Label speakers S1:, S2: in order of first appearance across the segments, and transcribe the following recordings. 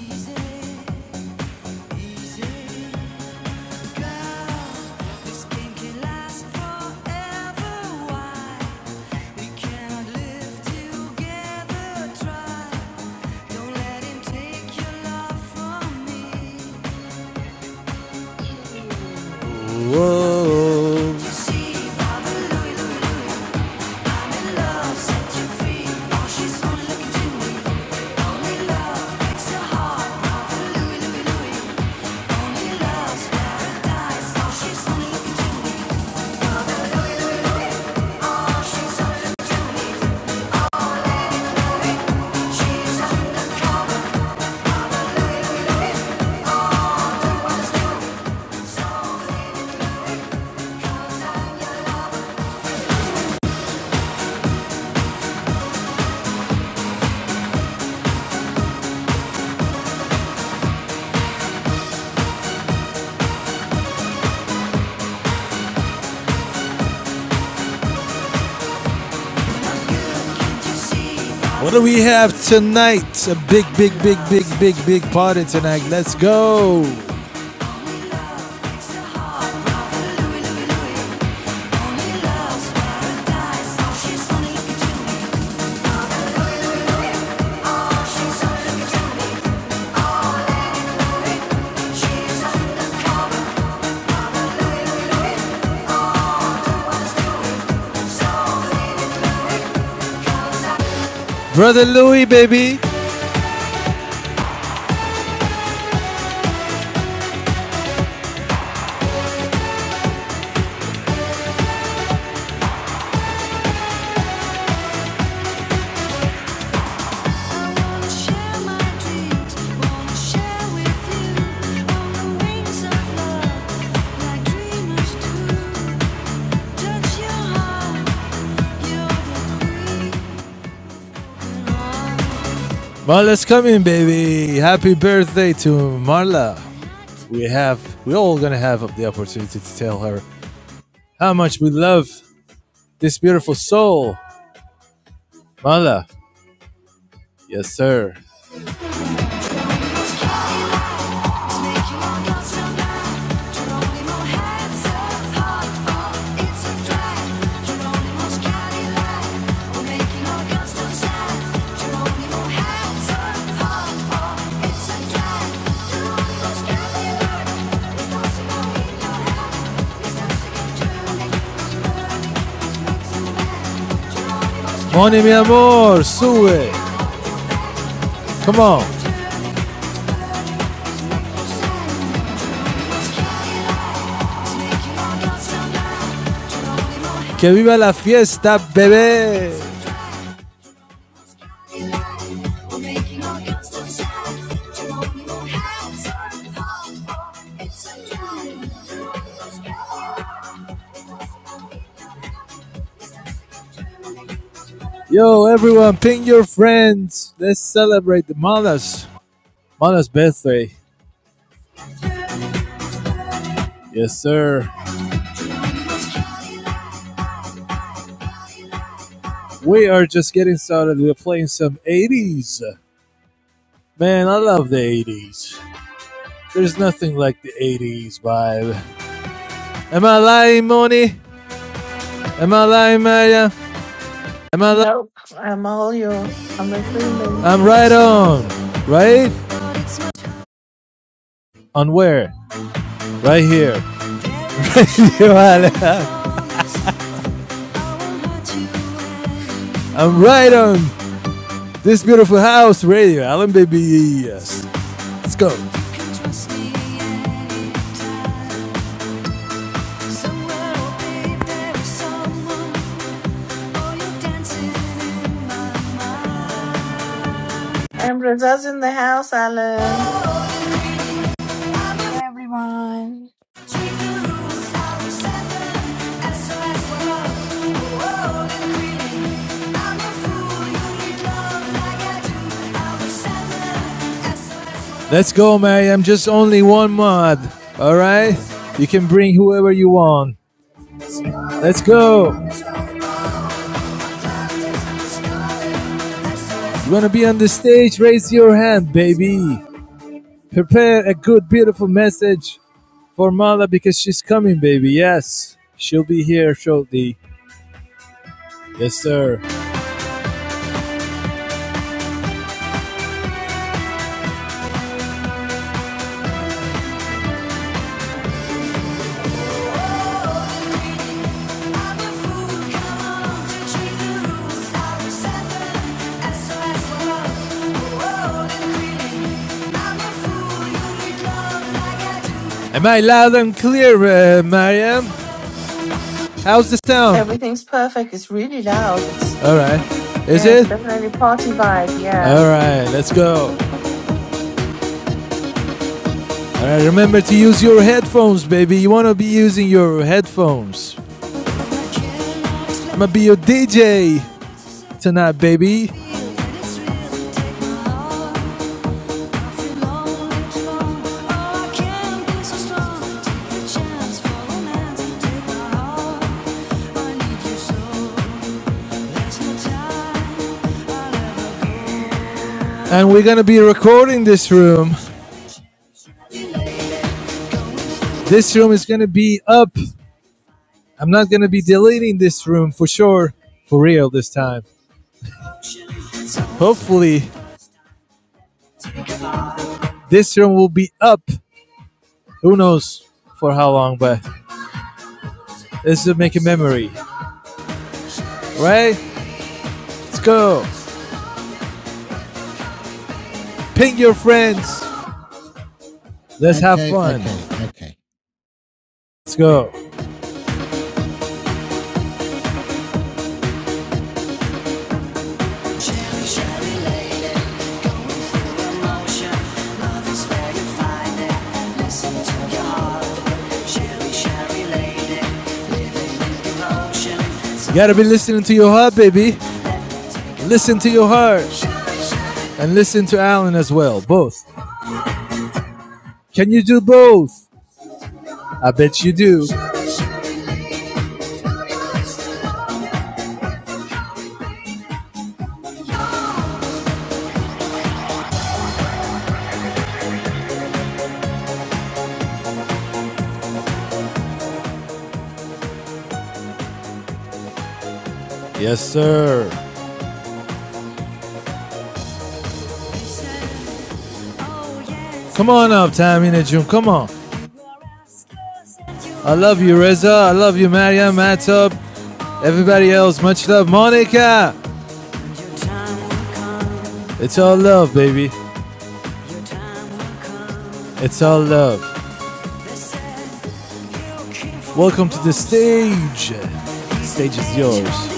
S1: easy, easy, girl. This game can last forever. Why we cannot live together? Try. Don't let him take your love from me. Whoa. What do we have tonight? A big, big, big, big, big, big party tonight. Let's go. Brother Louis, baby. Marla's coming, baby. Happy birthday to Marla. we have we all gonna have the opportunity to tell her how much we love this beautiful soul, Mala. Yes, sir. Moni, mi amor, sube. Come on. Que viva la fiesta, bebé. Yo, everyone, ping your friends. Let's celebrate the mothers. Mana's birthday. Yes, sir. We are just getting started. We're playing some 80s. Man, I love the 80s. There's nothing like the 80s vibe. Am I lying, Moni? Am I lying, Maya? Am I lying?
S2: Nope. I'm all your. I'm agreeing.
S1: I'm right on. Right? On where? Right here. Radio Island. I'm right on this beautiful house, Radio Allen, baby. Yes. Let's go.
S2: Ambra's in the house, Alan.
S1: Let's go, Mary. I'm just only one mod. All right? You can bring whoever you want. Let's go. You want to be on the stage? Raise your hand, baby. Prepare a good, beautiful message for Mala because she's coming, baby. Yes, she'll be here shortly. Yes, sir. Am I loud and clear, uh, Mariam? How's the sound?
S2: Everything's perfect. It's really loud. It's
S1: All right. Is
S2: yeah. It's
S1: it?
S2: definitely party vibe. Yeah.
S1: All right. Let's go. All right. Remember to use your headphones, baby. You want to be using your headphones. I'm gonna be your DJ. tonight, baby. And we're gonna be recording this room. This room is gonna be up. I'm not gonna be deleting this room for sure, for real this time. Hopefully, this room will be up. Who knows for how long, but is to make a memory, right? Let's go. Ping your friends. Let's have
S3: Okay,
S1: fun.
S3: okay, okay.
S1: Let's go. You gotta be listening to your heart, baby. Listen to your heart. And listen to Alan as well. Both. Can you do both? I bet you do. Yes, sir. Come on up, Tamina June. Come on. I love you, Reza. I love you, Mariam, Matab. Everybody else, much love. Monica! It's all love, baby. It's all love. Welcome to the stage. The Stage is yours.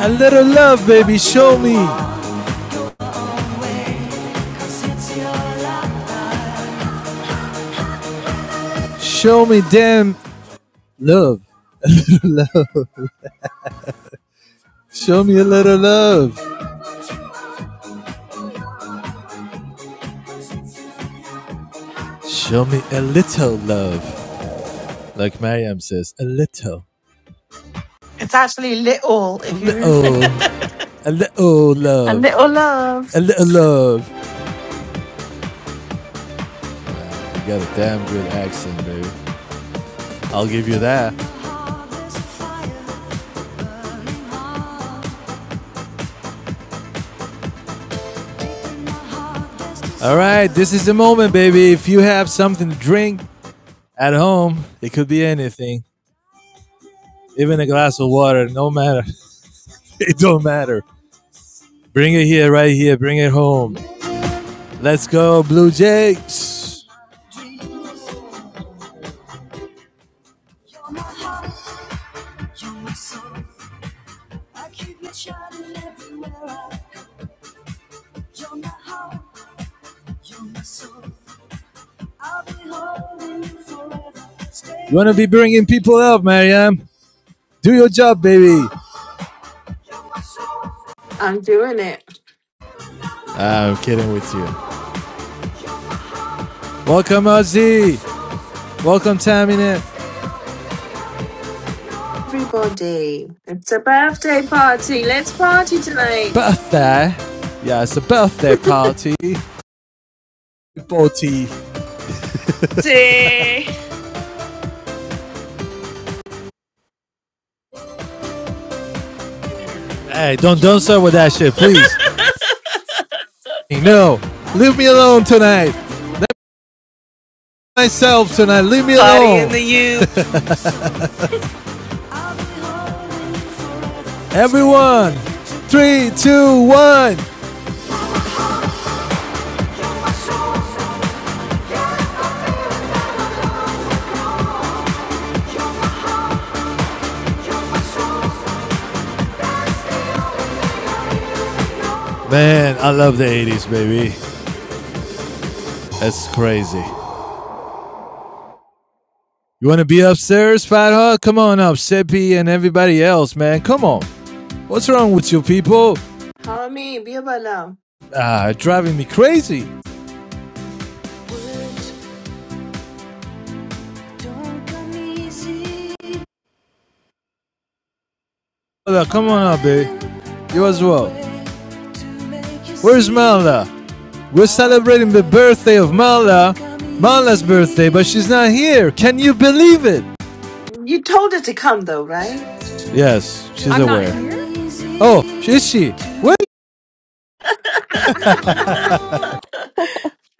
S1: A little love, baby, show me. Show me damn love. Show me a little love. Show me a little love, like Mariam says, a little,
S2: It's actually little.
S1: a
S2: If you
S1: little, a little
S2: a little
S1: love, a
S2: love.
S1: little love. You got a damn good accent, baby. I'll give you that. All right, this is the moment, baby. If you have something to drink at home, it could be anything, even a glass of water, no matter. It don't matter. Bring it here, right here. Bring it home. Let's go, Blue Jays. You're my soul. I keep you shining everywhere I go. You're my heart. You're my soul. I'll be holding you forever. Stay You want to be bringing people up, Mariam. Do your job, baby.
S2: I'm doing it.
S1: I'm kidding with you. Welcome, Ozzy. Welcome, Tamina.
S2: Everybody, it's a birthday party. Let's party tonight.
S1: Birthday. Yeah, it's a birthday party. Party.
S2: Party.
S1: Hey, don't don't start with that shit, please. No, leave me alone tonight. Myself tonight. Leave me
S2: Party
S1: alone.
S2: in the U.
S1: Everyone, three, two, one. Man, I love the 80s, baby. That's crazy. You want to be upstairs, Fat Hut? Come on up, Seppi and everybody else, man. Come on. What's wrong with you people?
S2: How me? Be about now.
S1: Ah, driving me crazy. come on up, baby. You as well. Where's Melda? We're celebrating the birthday of Mala, Mala's birthday, but she's not here. Can you believe it?
S2: You told her to come though, right?
S1: Yes, she's
S4: I'm not
S1: aware.
S4: here.
S1: Oh, is she? Wait,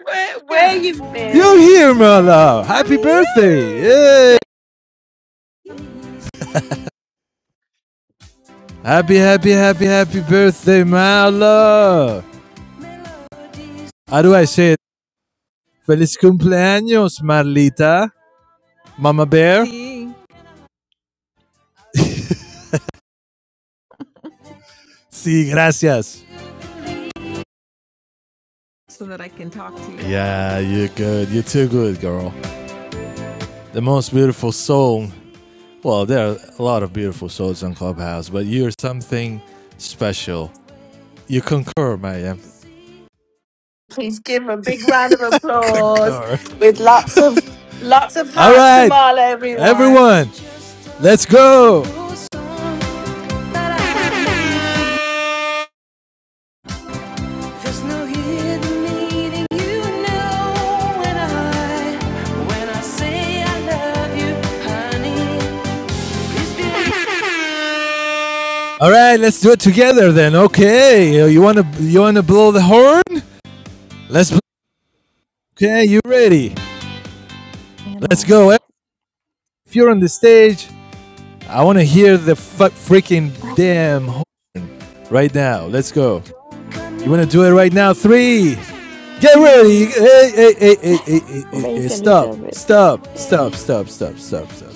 S2: Where, where
S4: Here.
S2: you
S1: you're
S2: been?
S1: here, Mala.
S4: I'm
S1: Happy birthday.
S4: here.
S1: Yay.
S4: Thank you.
S1: Happy, happy, happy, happy birthday, Mala. How do I say it? Feliz cumpleaños, Marlita. Mama Bear.
S4: See,
S1: Sí, gracias.
S4: so that I can talk to you.
S1: Yeah, you're good. You're too good, girl. The most beautiful song Well, there are a lot of beautiful souls in Clubhouse, but you're something special. You concur, Mayim.
S2: Please give a big round of applause
S1: Concur.
S2: with lots of lots of
S1: All
S2: hearts to
S1: right,
S2: Marla, everyone.
S1: everyone, let's go. All right, let's do it together then. Okay, you wanna you wanna blow the horn? Let's. Okay, you ready? Let's go. If you're on the stage, I want to hear the fu- freaking damn right now. Let's go. You want to do it right now? Three. Get ready. Hey, hey, hey, hey, hey, hey, hey, hey. Stop. Stop. Stop. Stop. Stop. Stop. Stop.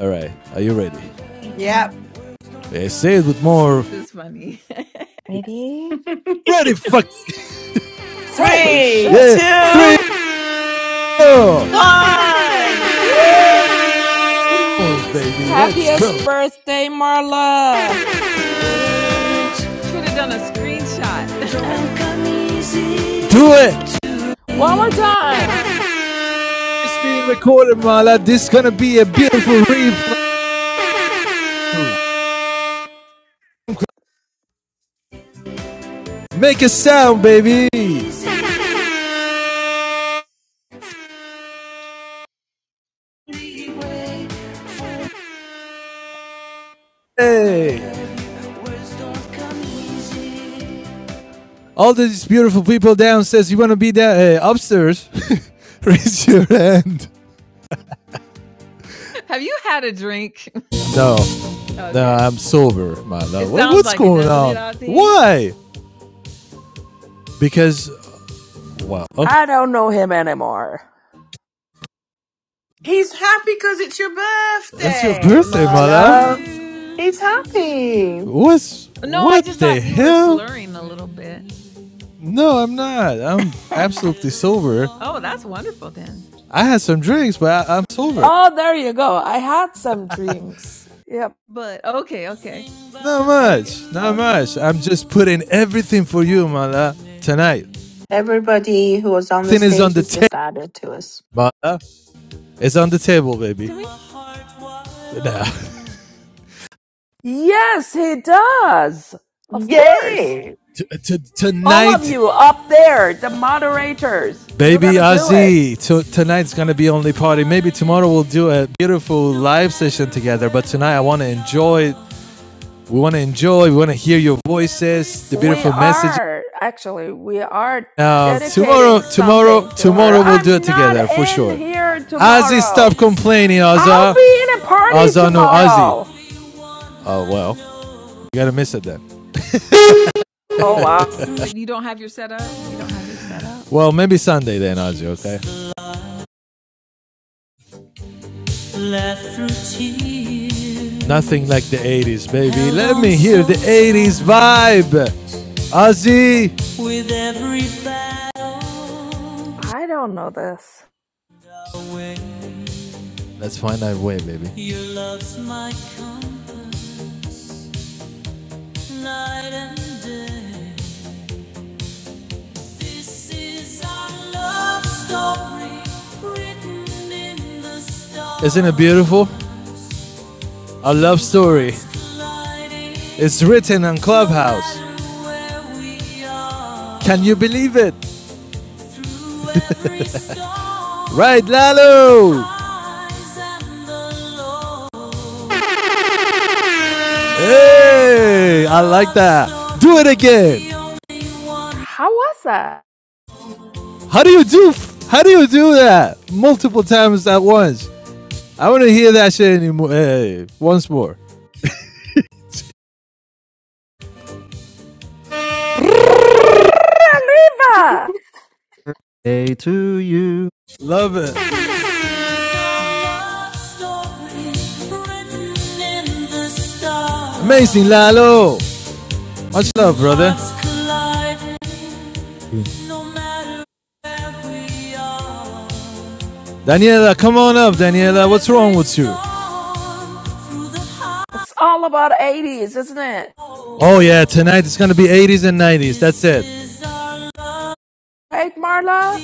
S1: All right. Are you ready?
S2: Yep.
S1: Yeah, say it with more.
S4: This is funny.
S1: Ready? Fuck.
S5: Holy
S2: Three,
S5: shit.
S1: Yeah.
S6: Thank
S1: Three.
S6: you.
S2: two,
S1: Four.
S7: Thank
S2: one.
S8: Thank
S2: Woo!
S1: Baby, let's go.
S5: Happiest birthday, Marla.
S4: Should have done a screenshot.
S1: Don't come easy. Do it.
S5: One more time.
S1: It's being recorded, Mala. This is gonna be a beautiful replay.
S8: you.
S1: Make a sound, baby.
S7: you.
S1: Hey. All these beautiful people downstairs, you wanna be there uh, upstairs? Raise your hand.
S4: have you had a drink?
S1: No. No,
S4: okay.
S1: I'm sober, Mala.
S4: It
S1: What,
S4: sounds
S1: what's
S4: like it,
S1: going
S4: doesn't it,
S1: on?
S4: Ozzy?
S1: Why? Because, well, okay.
S5: I don't know him anymore.
S2: He's happy because it's your
S1: It's your
S2: birthday,
S1: birthday,
S2: Marla.
S1: Mala.
S4: Ew.
S2: He's happy.
S1: What's,
S4: No, I
S1: what
S4: just
S1: the
S4: thought you were
S1: hell?
S4: slurring a little bit.
S1: No, I'm not. I'm absolutely
S4: oh,
S1: sober.
S4: that's wonderful then.
S1: I had some drinks, but I, I'm sober.
S5: Oh, there you go. I had some drinks. Yep.
S4: But okay, okay.
S1: Not
S4: Okay.
S1: much. Not
S4: Okay.
S1: much. I'm just putting everything for you, Mala, tonight.
S2: Everybody who was on the
S1: Thing is on
S2: stage
S1: the
S2: has
S1: table,
S2: just added to us.
S1: Mala. It's on the table, baby.
S4: To me?
S1: Nah.
S5: Yes, he does. Of course.
S2: Yay!
S1: T- t-
S5: All of
S1: tonight,
S5: you up there, the moderators, you're
S1: baby
S5: going to do it.
S1: Ozzy. T- tonight's gonna be only party. Maybe tomorrow we'll do a beautiful live session together. But tonight, I want to enjoy. We want to enjoy. We want to hear your voices, the
S5: we
S1: beautiful messages
S5: are actually we are
S1: Now
S5: dedicating
S1: tomorrow, tomorrow,
S5: something to her
S1: tomorrow we'll do it
S5: i'm not
S1: together for
S5: in
S1: sure.
S5: here
S1: Ozzy,
S5: tomorrow
S1: stop complaining,
S5: i'll
S1: Ozzy.
S5: be in a party
S1: Ozzy, no, Ozzy.
S5: tomorrow
S1: Oh well, you gotta miss it then.
S5: oh wow
S4: You don't have your setup? You don't have your setup?
S1: Well, maybe Sunday then, Ozzy. Okay. Nothing like the '80s, baby. Let me hear the '80s vibe, Ozzy. With every battle
S5: i don't know this
S1: away, Let's find that way, baby. Isn't it beautiful? A love story. It's written on Clubhouse. Can you believe it? Right, Lalo? Hey, I like that. Do it again.
S5: how was that
S1: How do you do? How do you do that multiple times at once? I want to hear that shit anymore. Hey, once more.
S5: Arriba!
S9: Day to you.
S1: Love it. This is our love story, written in the stars. Amazing, Lalo. Much love, brother. no matter where we are. Daniela, come on up, Daniela. What's wrong with you?
S5: it's all about 80s isn't it
S1: Oh, yeah, tonight it's going to be 80s and 90s. That's it.
S5: right marla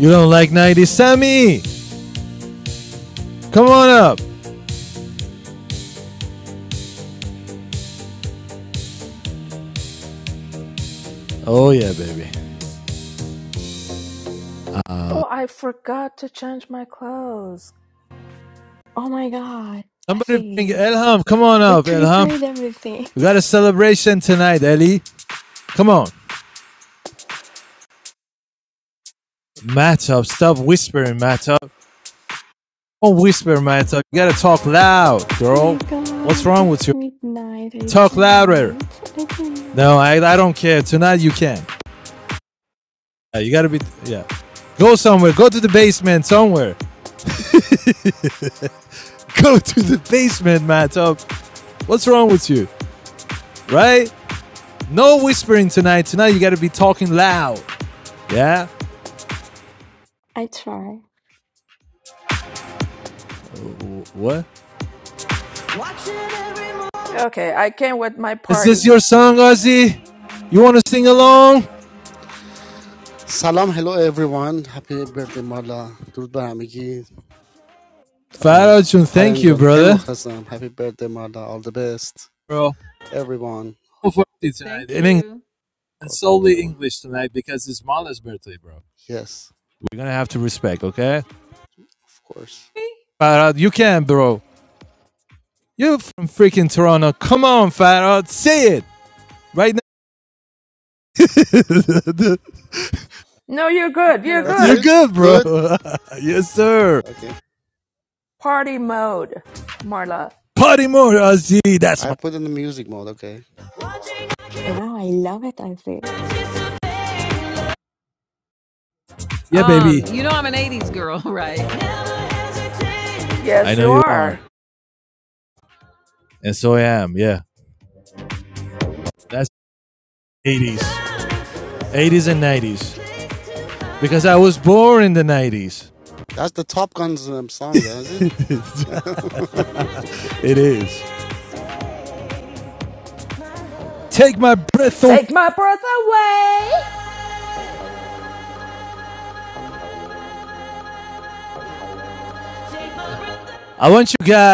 S1: You don't like 90s? Sammy, come on up. Oh, yeah, baby.
S5: oh i forgot to change my clothes
S1: Somebody bring Elham. Come on up, Elham. We got a celebration tonight, Ellie. Come on. Matchup, stop whispering, Matchup. Don't whisper, Matchup. You got to talk loud, girl. What's wrong with you? Talk louder. No, I, I don't care. Tonight you can. Yeah, you gotta be. Yeah, go somewhere. Go to the basement somewhere. Go to the basement, Matt. Oh, what's wrong with you? Right? No whispering tonight. Tonight you gotta be talking loud. Yeah. What?
S5: okay i came with my
S1: Is this
S5: party
S1: your song, Ozzy? You wanna sing along?
S10: سلام هلو everyone هپی برده مارلا درود بر همگی آه،
S1: Farajun,
S10: آرن
S1: thank you,
S10: جان خیلی
S1: brother.
S10: مخلصم هپی برده مارلا all the best
S1: Bro,
S10: everyone
S1: full tonight
S4: Thank
S1: in English
S4: you.
S1: and
S10: قربان
S1: solely
S10: شما
S1: English tonight because it's Mala's birthday, bro.
S10: yes
S1: We're gonna have to respect, okay?
S10: of course
S4: Me?
S1: Farad, you can, bro. You're from freaking Toronto. Come on, Fat Art. Say it right now.
S5: no you're
S4: Oh,
S5: good you're
S4: Hello.
S10: that's
S1: You're
S5: good
S10: it
S1: good, bro.
S10: good
S1: yes, sir.
S10: okay
S5: party mode marla
S1: Party more, Ozzy. That's
S10: I
S1: my.
S10: put in the music mode okay
S1: Yeah, baby.
S4: Um, you know I'm an 80s girl, right?
S1: I
S5: Yes,
S1: know
S5: you
S1: you are.
S5: are.
S1: And so I am. Yeah. That's 80s. 80s and 90s. Because I was born in the 90s.
S10: that's the Top Guns um, song that's it
S1: it is. Take my breath away.
S5: Take my breath away.
S1: I want you guys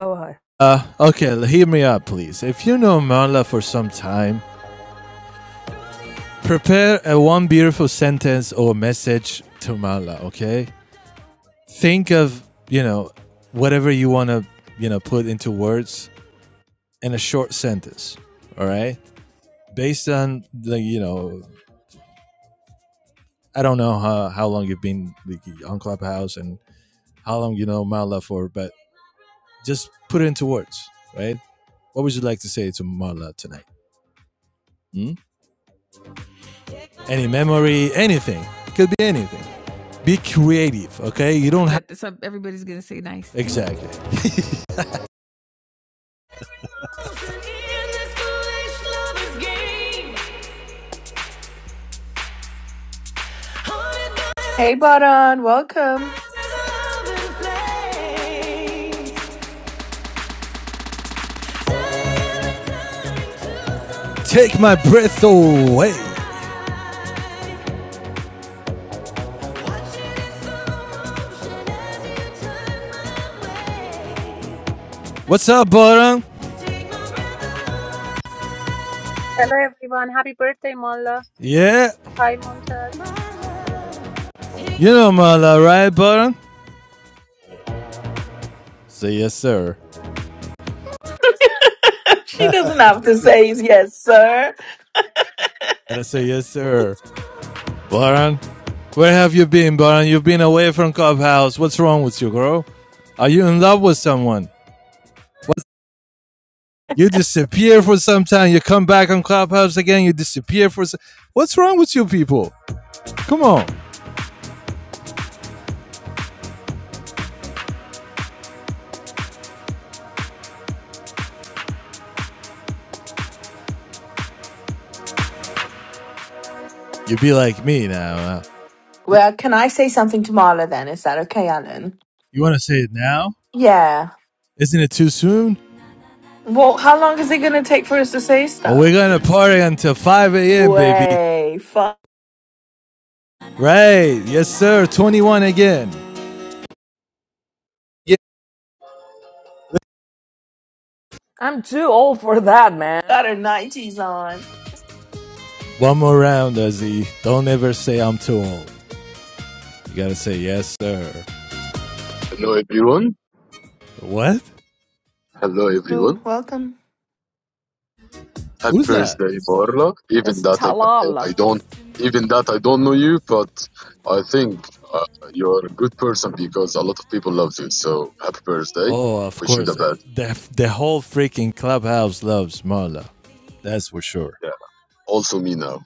S5: Oh, hi.
S1: Uh, okay, hear me out, please. If you know Marla for some time, prepare a one beautiful sentence or message to Marla, okay? Think of, you know, whatever you want to, you know, put into words in a short sentence, all right? Based on the, you know, I don't know how, how long you've been like, on Clubhouse and how long you know Marla for, but just put it into words, right? What would you like to say to Marla tonight? Hmm? any memory, anything. It Could be anything. Be creative, okay? You don't have
S4: That the- some everybody's gonna say nice things.
S1: exactly.
S2: Hey, Baran, welcome.
S1: Take my breath away. What's up, Baran?
S11: Hello everyone, happy birthday Malla.
S1: Yeah,
S11: Hi Mumtaz.
S1: you know Mala, right, Baran? Say yes, sir.
S2: she doesn't have to say yes, sir.
S1: And I say, yes, sir. Baran, where have you been, Baran? You've been away from Clubhouse. What's wrong with you, girl? Are you in love with someone? You disappear for some time. You come back on Clubhouse again. You disappear for some... What's wrong with you people? Come on. You be like me now. huh?
S2: Well, can I say something to Marla then? Is that okay, Alan?
S1: You want to say it now?
S2: Yeah.
S1: Isn't it too soon?
S2: Well, how long is it going to take for us to say
S1: Well, we're
S2: stuff?
S1: going to party until 5 a.m., baby.
S2: Way, fuck.
S1: Right. Yes, sir. 21 again. Yeah.
S5: I'm too old for that, man.
S2: Got her 90s on.
S1: One more round, Azzy. Don't ever say I'm too old. You got to say, yes, sir.
S12: Hello everyone.
S1: What?
S12: Hello
S2: Oh,
S12: everyone.
S2: welcome.
S12: Happy
S1: Who's that?
S12: birthday, Marla. Even
S5: It's
S12: that I,
S5: Talal.
S12: I don't, even that I don't know you, but I think uh, you're a good person because a lot of people love you. So happy birthday.
S1: Oh, of
S12: Wish you the
S1: course. uh,
S12: best.
S1: The, the whole freaking clubhouse loves Marla. That's for sure.
S12: Yeah. Also me now.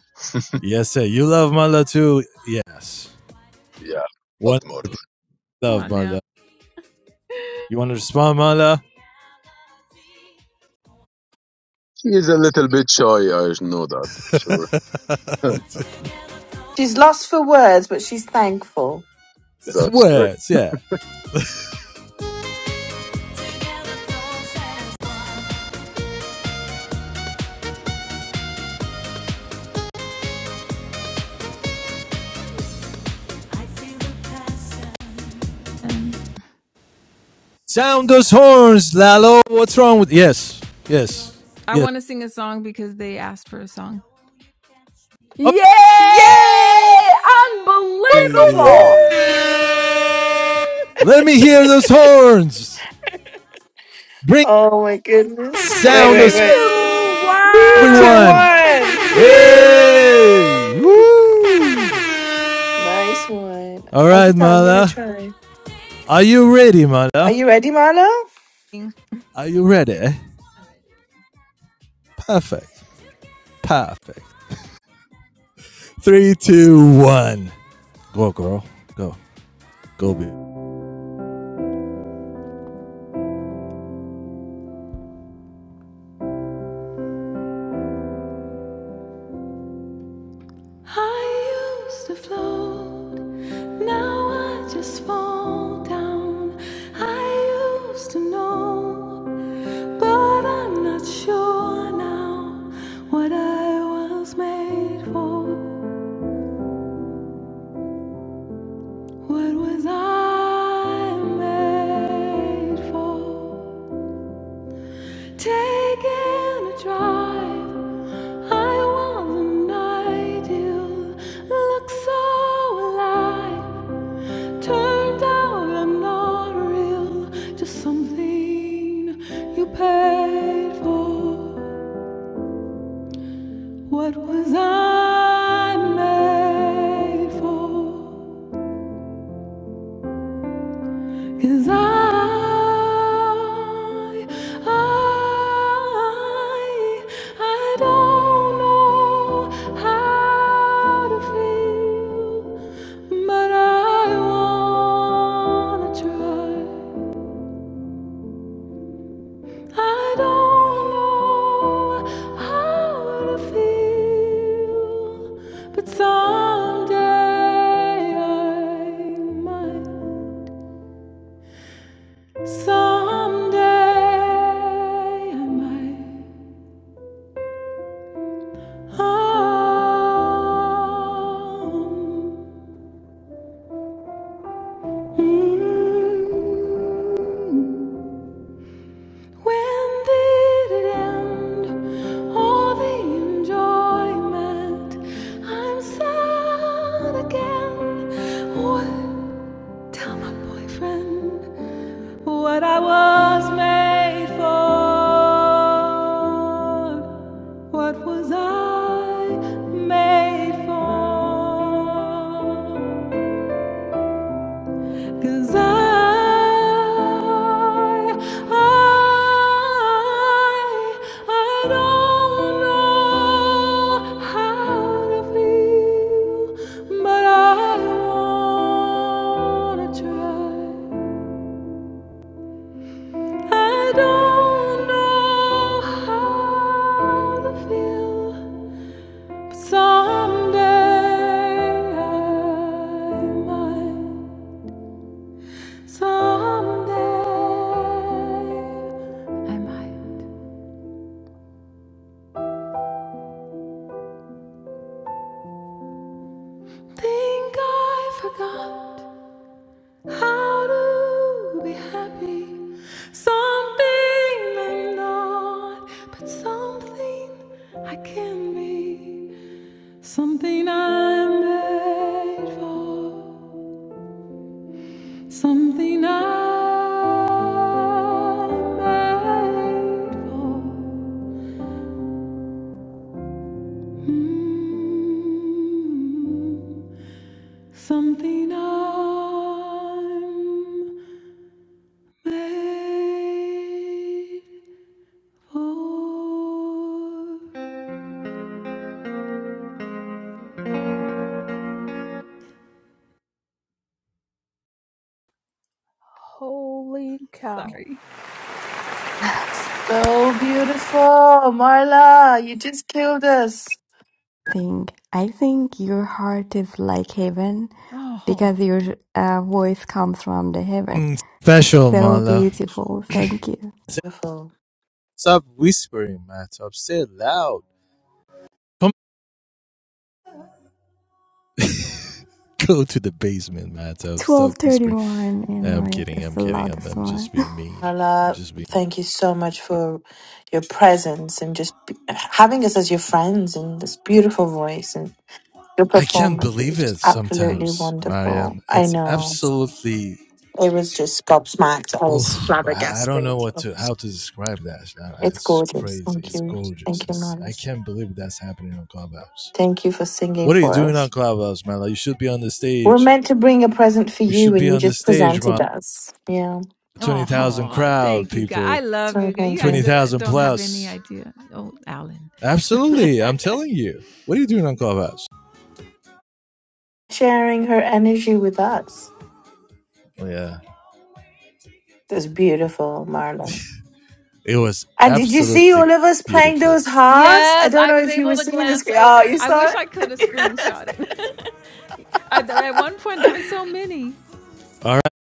S1: Yes, sir. You love Marla too? Yes.
S12: Yeah.
S1: What?
S12: Loved Marla.
S4: Come
S1: Love
S4: on now.
S1: Marla. You want to respond, Marla?
S12: She is a little bit shy. I know that for sure.
S2: She's lost for words, but she's thankful.
S12: That's great.
S1: Words, yeah.
S4: And
S1: Sound those horns, Lalo. What's wrong with. Yes. Yes.
S4: I
S1: Yes.
S4: wanna sing a song because they asked for a song.
S5: Yay!
S2: Yay! Woo, woo,
S5: Unbelievable!
S1: Okay. Let
S2: woo!
S1: me hear those horns. Bring
S2: oh my goodness. Wait,
S1: sound
S2: wait,
S1: those
S2: wait.
S5: Two
S2: Three, two,
S1: everyone.
S5: one.
S2: one.
S1: Hey!
S2: Whee!
S1: Woo!
S2: Nice one.
S1: All right,
S2: Azita, I'm going to
S1: mother.
S2: try.
S1: Are you ready, mother?
S2: Are you ready, Marla?
S4: Sing.
S1: Are you ready? Perfect. Perfect. Three, two, one. Go, girl. Go. Go, baby.
S4: I used to float, now I just fall down. I used to know, but I'm not sure now what I was made for. What was I made for? Taking a drive. I was the ideal, looked so alive. Turned out I'm not real, just something you paid for. What was I made for? Cause I, I, I don't know how to feel, but I wanna try. I don't know how to feel, but someday I might. Someday I might home. Mm. When did it end? All the enjoyment. I'm sad again. What? Tell my boyfriend. what I was made for. What was I made for? 'Cause I, I, I don't know how to feel, but I wanna try. I don't know how to feel, but someday I might. Someday I might. Think I forgot how to be happy. Something I'm not, but something I can be. Something I'm made for. Something I'm made for. Mm, something I'm made for.
S5: Holy cow!
S4: Sorry.
S2: So beautiful. Marla, you just killed us.
S4: Oh.
S1: Mm, Special, mother.
S2: Beautiful.
S1: Stop whispering, Matop. Say it loud. Come go to the basement, Matop. Stop whispering. Hey, I'm kidding. I'm kidding. I'm, I'm just being mean. I'm
S2: Marla,
S1: just being.
S2: thank you so much for your presence and just be- having us as your friends and this beautiful voice and your
S1: I can't
S2: performance. It was
S1: believe it
S2: just absolutely
S1: sometimes, Mariam.
S2: wonderful. I
S1: It's
S2: know.
S1: absolutely
S2: It was just gobsmacked. I was
S1: Oof, I don't
S2: flabbergasted.
S1: know what to how to describe that.
S2: It's
S1: It's
S2: gorgeous.
S1: crazy.
S2: Thank
S1: It's
S2: you.
S1: gorgeous.
S2: Thank you,
S1: It's
S2: Marla.
S1: I can't believe that's happening on Clubhouse.
S2: Thank you for singing
S1: What are you
S2: for
S1: doing on
S2: us.
S1: Clubhouse, man? Like you should be on the
S2: We're
S1: stage.
S2: meant to bring a present for
S1: You
S2: you,
S1: should be
S2: and you
S1: on the
S2: just
S1: stage, man.
S2: presented us. Yeah.
S1: Twenty thousand
S4: Oh,
S1: crowd,
S4: thank you guys. I
S1: people.
S4: love
S2: So
S4: you guys. You
S2: thank
S1: Twenty
S4: guys
S2: you.
S4: uh,
S1: thousand
S4: don't have any
S1: plus.
S4: idea. Oh, Alan.
S1: Absolutely, I'm telling you. What are you doing on Clubhouse?
S2: Sharing her energy with us.
S1: Yeah,
S2: That's beautiful, Marla.
S1: it was
S2: And did you see
S1: absolutely
S2: all of us playing
S1: beautiful.
S2: those hearts? I
S4: yes,
S2: don't
S4: I
S2: know
S4: was
S2: if you
S4: able
S2: were
S4: to
S2: seeing this.
S4: glance
S2: Oh,
S4: over.
S2: you
S4: I
S2: saw
S4: wish
S2: it?
S4: I could have screenshot it. At one point, there were so many.
S1: All right,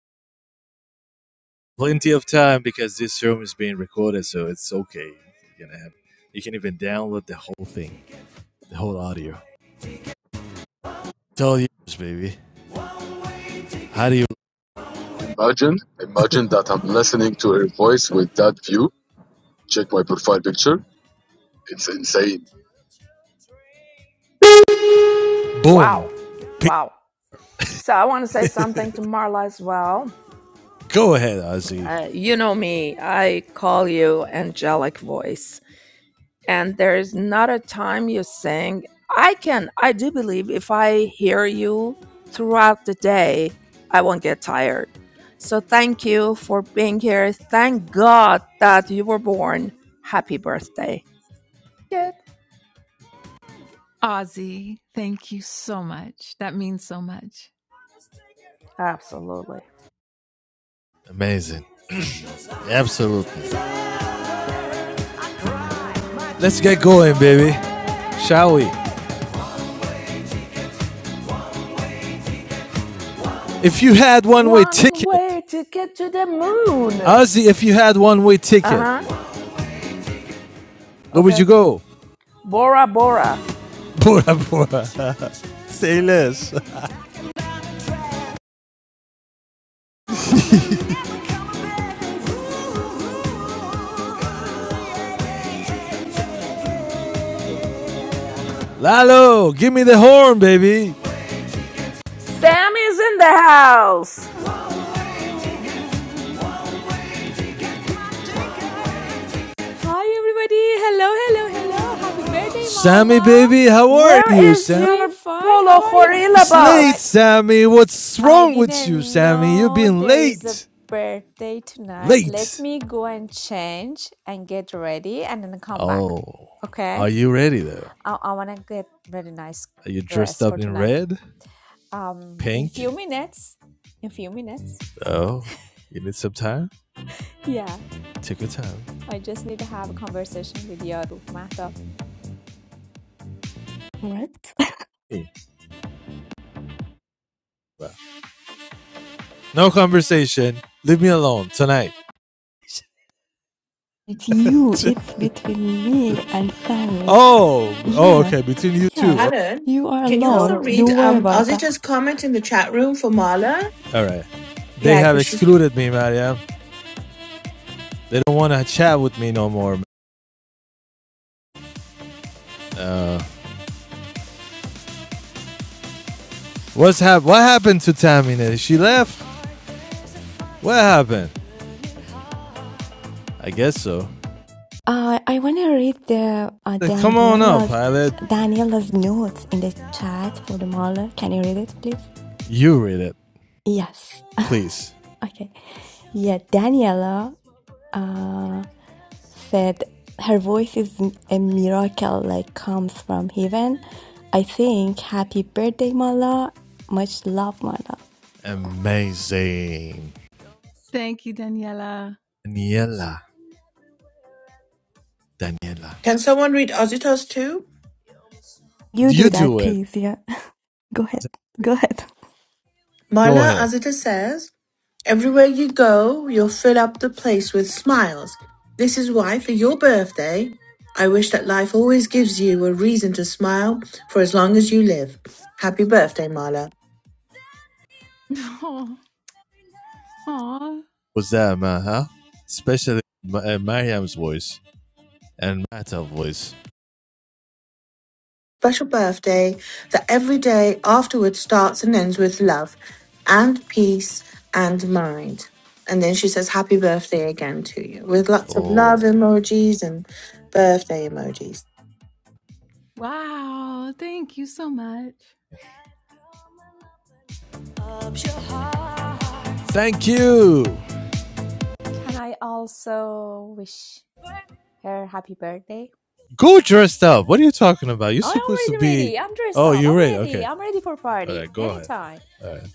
S1: plenty of time because this room is being recorded, so it's okay. You can have, you can even download the whole thing. the whole audio. It's all yours, baby. How do you?
S12: Imagine, imagine that I'm listening to her voice with that view. Check my profile picture. It's insane.
S1: Boom.
S5: Wow! Wow! So I want to say something to Marla as well.
S1: Go ahead, Ozzy.
S5: Uh, you know me. I call you angelic voice. and there is not a time you're saying i can i do believe if i hear you throughout the day i won't get tired so thank you for being here thank god that you were born happy birthday yeah
S4: Ozzy, thank you so much. That means so much.
S5: absolutely
S1: Amazing. Absolutely. Let's get going, baby. Shall we? If you had one way
S5: one
S1: ticket,
S5: way to get to the moon
S1: Ozzy, if you had one way ticket,
S5: uh-huh
S1: where would
S5: okay
S1: you go?
S5: bora bora
S1: Bora Bora. Say less. Lalo, give me the horn, baby.
S5: sam is in the house
S13: Hi everybody. Hello, hello, hello. Happy birthday,
S1: Sammy,
S13: Mala.
S1: baby, how are you,
S5: where is
S13: I'm
S1: Sammy,
S13: doing
S5: your
S13: fine.
S5: polo
S13: How are you?
S5: horilla
S1: It's
S13: You know
S1: late,
S13: what?
S5: bus
S1: Sammy. What's
S13: I
S1: wrong with you,
S13: didn't
S1: Sammy? You've
S13: know
S1: been
S13: there is a
S1: late.
S13: birthday tonight. Let
S1: Late.
S13: me go and change and get ready and then come back.
S1: Oh,
S13: Okay?
S1: are you ready though?
S13: I, I want to get very nice
S1: Are you dressed
S13: dress for
S1: up in
S13: tonight.
S1: red,
S13: Um in
S1: pink?
S13: few minutes. In few minutes.
S1: Oh, you need some time?
S13: Yeah.
S1: Take your time.
S13: I just need to have a conversation with Yaru Mahtab.
S1: Eh, well, No conversation. Leave me alone tonight. oh, oh, okay. Between you two.
S2: Alan, can you also
S5: totally
S1: Oh,
S2: read um Ozita's comment in the chat room for Marla?
S1: All right. They
S2: Yeah,
S1: have
S2: because she's.
S1: excluded me, Maria. They don't want to chat with me no more. What's hap- What happened to Tamina? She left. What happened? I guess so. Like, Come on up, pilot. You read it, please. Amazing.
S4: Thank you, Daniela.
S1: Daniela. Daniela.
S2: Can someone read Ozita's too?
S1: You do it. Go
S2: Marla,
S1: ahead.
S2: Ozita says. Everywhere you go, you'll fill up the place with smiles. This is why, for your birthday, I wish that life always gives you a reason to smile for as long as you live. Happy birthday, Marla.
S4: Oh, aw.
S1: Was that, man? Huh? Especially Ma- uh, Mariam's voice and Mata's voice.
S2: Special birthday that every day afterwards starts and ends with love and peace and mind. And then she says, Happy birthday again to you with lots of love
S1: Oh,
S2: emojis and birthday emojis.
S4: Wow. Thank you so much.
S1: thank you.
S13: Can I also wish her happy birthday?
S1: Go dressed up. What are you talking about? You're
S13: I
S1: supposed to
S13: am already
S1: be.
S13: ready. I'm dressed
S1: Oh,
S13: up.
S1: you're
S13: I'm
S1: right.
S13: ready.
S1: Okay.
S13: I'm ready for
S1: All
S13: party
S1: right. Go ahead.
S13: anytime.
S1: All right.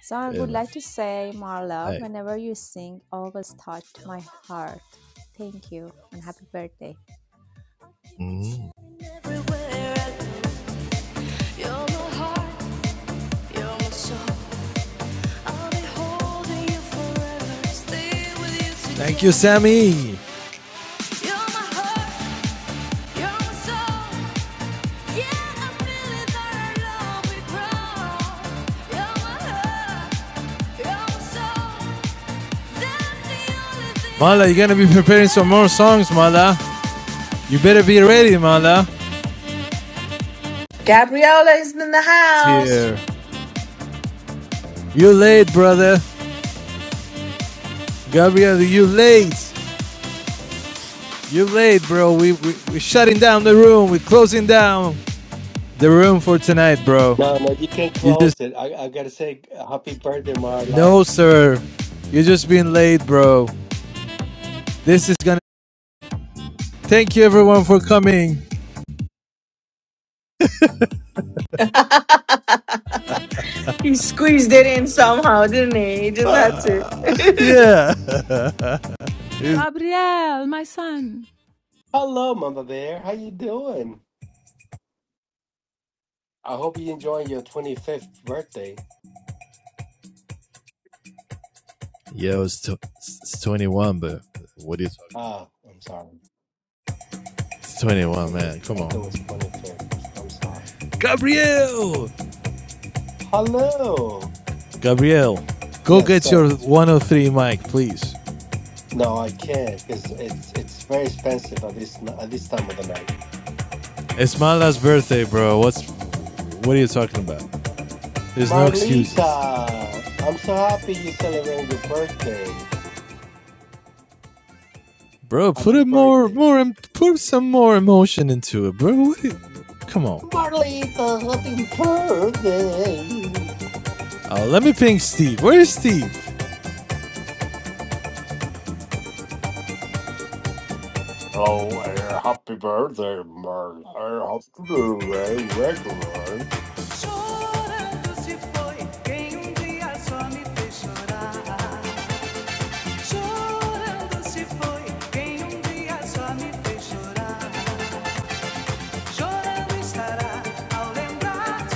S13: So I
S1: Fair
S13: would like to say, Marla,
S1: enough.
S13: whenever you sing, always touched my heart. Thank you and happy birthday.
S1: Hey. Thank you, Sammy. Mala, you're gonna be preparing some more songs, Mala. You better be ready, Mala.
S2: Gabriella is in the house.
S1: Here, you late, brother. Gabriel, you late. You're late, bro. We, we we're shutting down the room. We're closing down the room for tonight, bro.
S14: No, no, you can
S1: You just
S14: close it. I, I gotta say, happy birthday, Marla.
S1: no, sir. You're just being late, bro. This is gonna. Thank you, everyone, for coming.
S2: He squeezed it in somehow, didn't he? He just had to.
S1: Yeah.
S4: Gabriel, my son.
S14: Hello, Mama Bear. How you doing? I hope you enjoying your 25th birthday.
S1: Yo, it's, tw- it's 21, but what are you talking
S14: Ah, I'm sorry.
S1: It's
S14: I, I
S1: 21,
S14: thought it was,
S1: man.
S14: I
S1: Come
S14: thought it
S1: on.
S14: was 25th. I'm sorry.
S1: Gabriel,
S14: Hello.
S1: Gabriel, go
S14: Yes,
S1: get
S14: sir.
S1: your 103 mic, please.
S14: No, I can't because it's it's very expensive at this n- at this time of the night.
S1: it's my last birthday, bro. What's. What are you talking about? There's no excuses.
S14: Marlita, I'm so happy you are celebrating your birthday.
S1: bro. Put
S14: Happy
S1: it more,
S14: birthday.
S1: more, put some more emotion into it, bro. What you- come on.
S14: Marlita, happy birthday.
S1: Oh, let me ping Steve. Where's Steve?
S14: Hello, air happy birthday, Mark. I man. to do birthday, regular.
S1: um um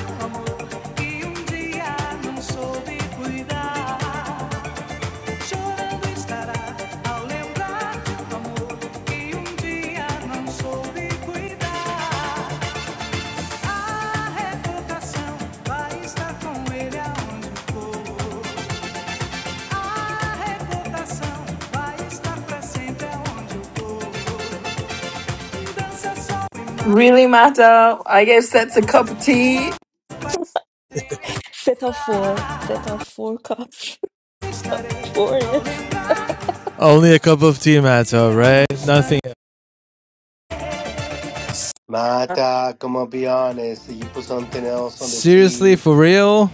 S1: um um
S2: really matter. I guess that's a cup of tea.
S1: Only a cup of tea, Mato, right? Nothing. else.
S14: Mata, come on, be honest. You put something else on the
S1: Seriously,
S14: tea.
S1: for real?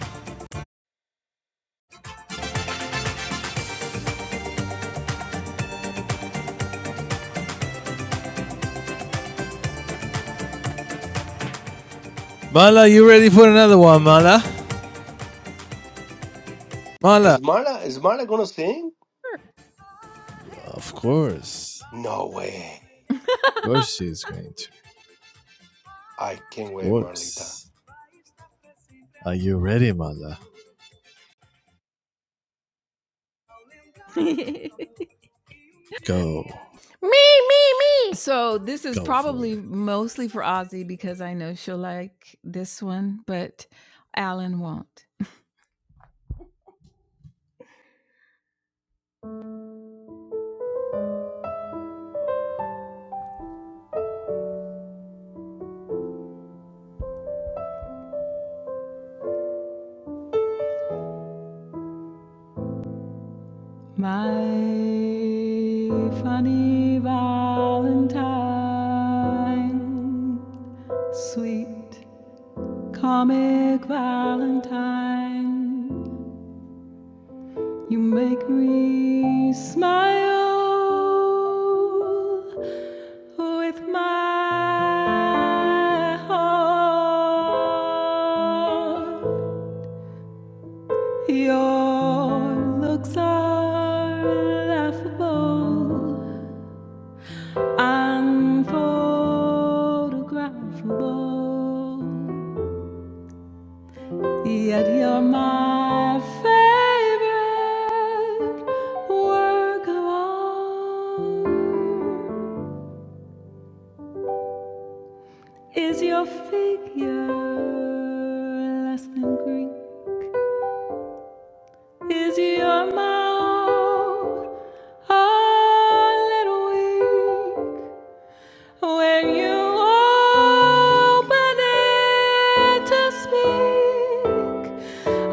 S1: Mala, you ready for another one, Mala? Mala.
S14: Is Marla is Marla gonna sing?
S1: Of course.
S14: No way.
S1: Of course she's going to.
S14: I can't
S1: Of
S14: wait, Marlita.
S1: course. Are you ready, Mala? Go.
S5: Me, me, me.
S4: So this is
S1: Go for
S4: probably
S1: it.
S4: mostly for Ozzy because I know she'll like this one, but Alan won't. My funny Valentine, sweet comic Valentine, you make me smile with my heart. Your looks are laughable, unphotographable, yet you're my favorite work of art. Is your figure less than Greek? Is your mouth a little weak when you open it to speak?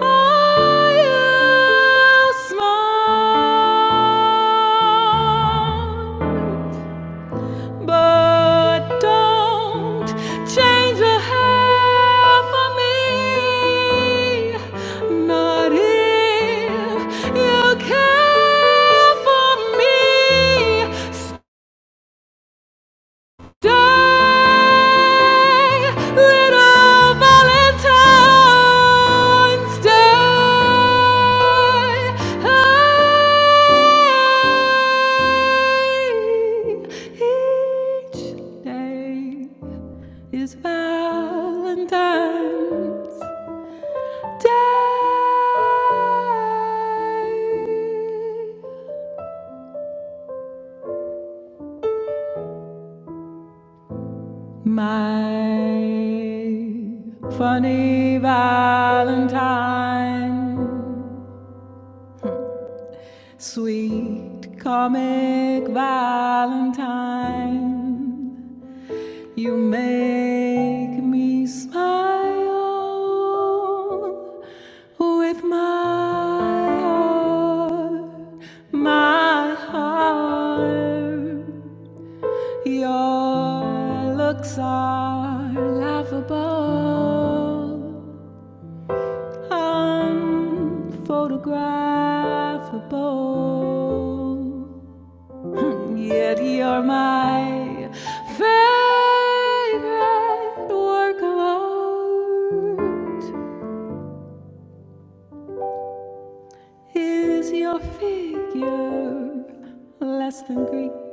S4: Are you smart? but don't change a hair for me. Not if you care for me. Day, little Valentine's Day. Hey, Each day is Valentine's Day. My funny Valentine, sweet comic Valentine, you make me smile with my heart, my heart. Your looks are laughable, unphotographable. Yet you're my favorite work of art. Is your figure less than Greek?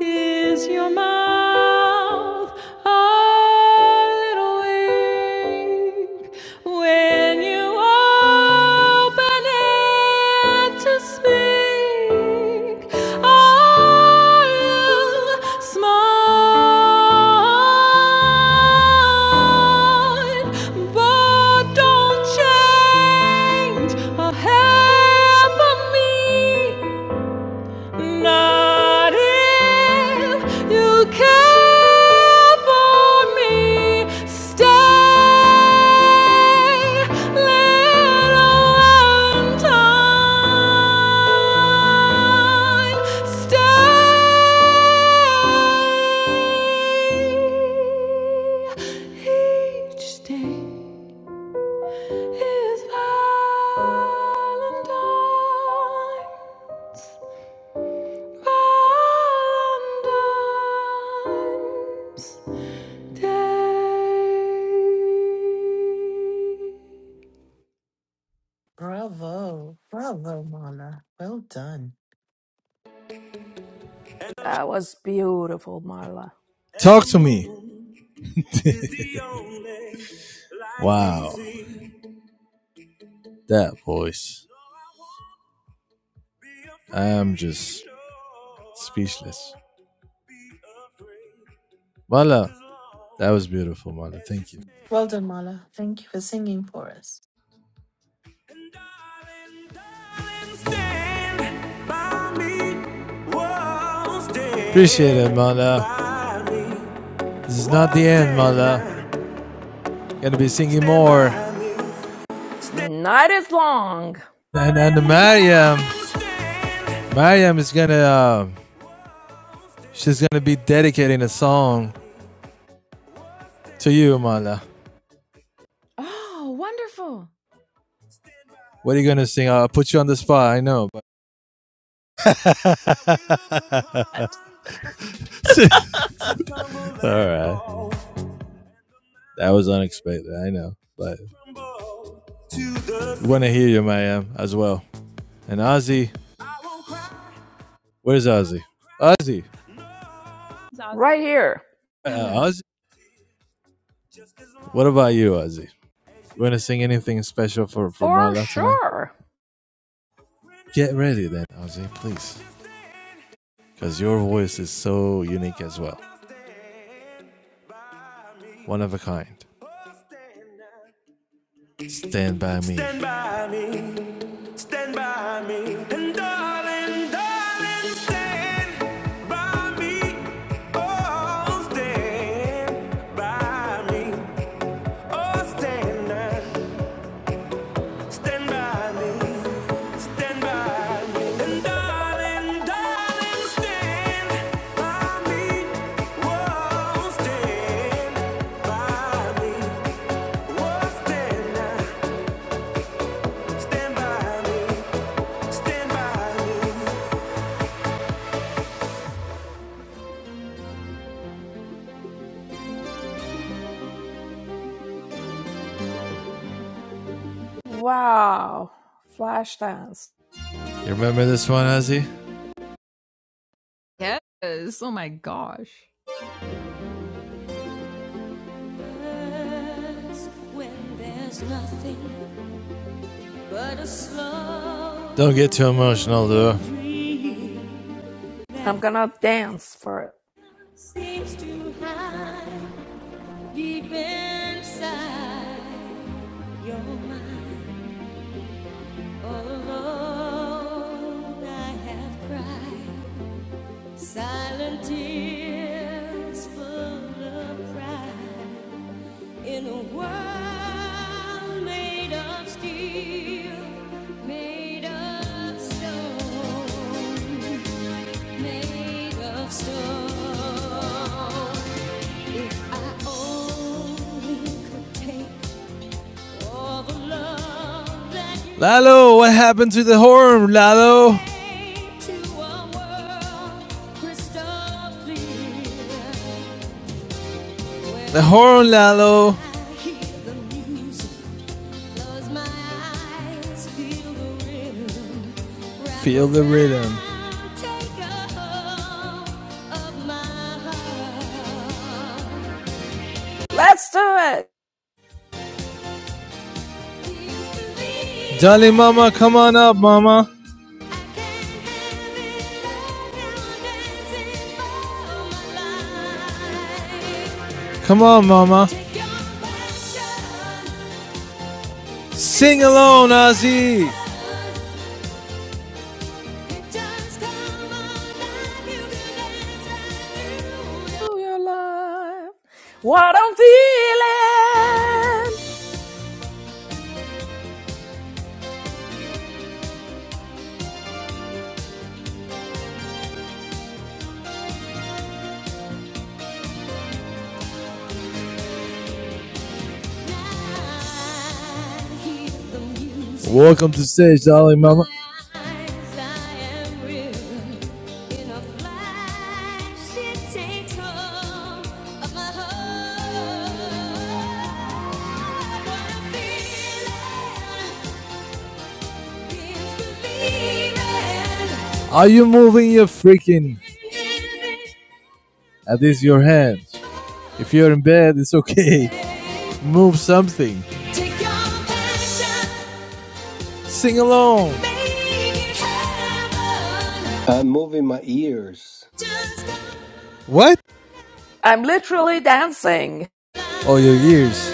S4: Is your mouth a little weak when you open it to speak? Are you smart? But don't change a hair for me. Not if you care for me. Stay, little Valentine. Stay. Each day is Valentine's. Valentine's Day.
S2: Bravo. Bravo, Mala. Well done.
S5: That was beautiful, Marla.
S1: Talk to me. Wow. That voice. I am just speechless. Mala, that was beautiful, Mala. Thank you.
S2: Well done, Mala. Thank you for singing for us.
S1: Appreciate it, Mala. This is not the end, Mala. Gonna be singing more.
S5: Night is long.
S1: And and Mariam, Mariam is gonna uh, she's gonna be dedicating a song to you, Mala.
S4: Oh, wonderful.
S1: What are you gonna sing? I'll put you on the spot. I know, but all right, that was unexpected. I know, but we want to hear you, Mariam, as well. And Ozzy, where's Ozzy? Ozzy,
S4: Zazie
S5: Right here.
S1: uh,
S4: Bella.
S1: Ozzy. What about you, Ozzy? You want to sing anything special for for
S5: For
S1: Mala tonight?
S5: sure.
S1: Get ready then, Ozzy, please. because your voice is so unique as well. One of a kind. Stand by me. Stand by me, stand by me, and darling, darling, stand by me. Oh, stand by me, oh, stand by me. Stand by me, stand by me, and darling, darling, stand by me. Whoa, stand by me. Whoa, stand now, stand by me, stand by me.
S5: Wow. Flash dance.
S1: You remember this one, Ozzy?
S4: Yes. Oh my gosh.
S1: When there's nothing but a slow Don't get too emotional, though. that
S5: I'm gonna dance for it.
S1: seems to hide Deep inside your mind, all alone I have cried. Silent tears full of pride. In a world made of steel, made of stone, made of stone. I only could take Lalo, what happened to the horn, Lalo? The horn, Lalo. Feel the rhythm.
S5: Let's do it.
S1: Dolly, mama, come on up, mama. Come on, Mama. Sing alone, Ozzy.
S5: Oh, your life. What I'm feeling.
S1: Welcome to stage, darling Mama. Are you moving your freaking? At least your hands. If you're in bed, it's okay. Move something. Sing along.
S14: I'm moving my ears.
S1: What?
S5: I'm literally dancing.
S1: Oh, your ears.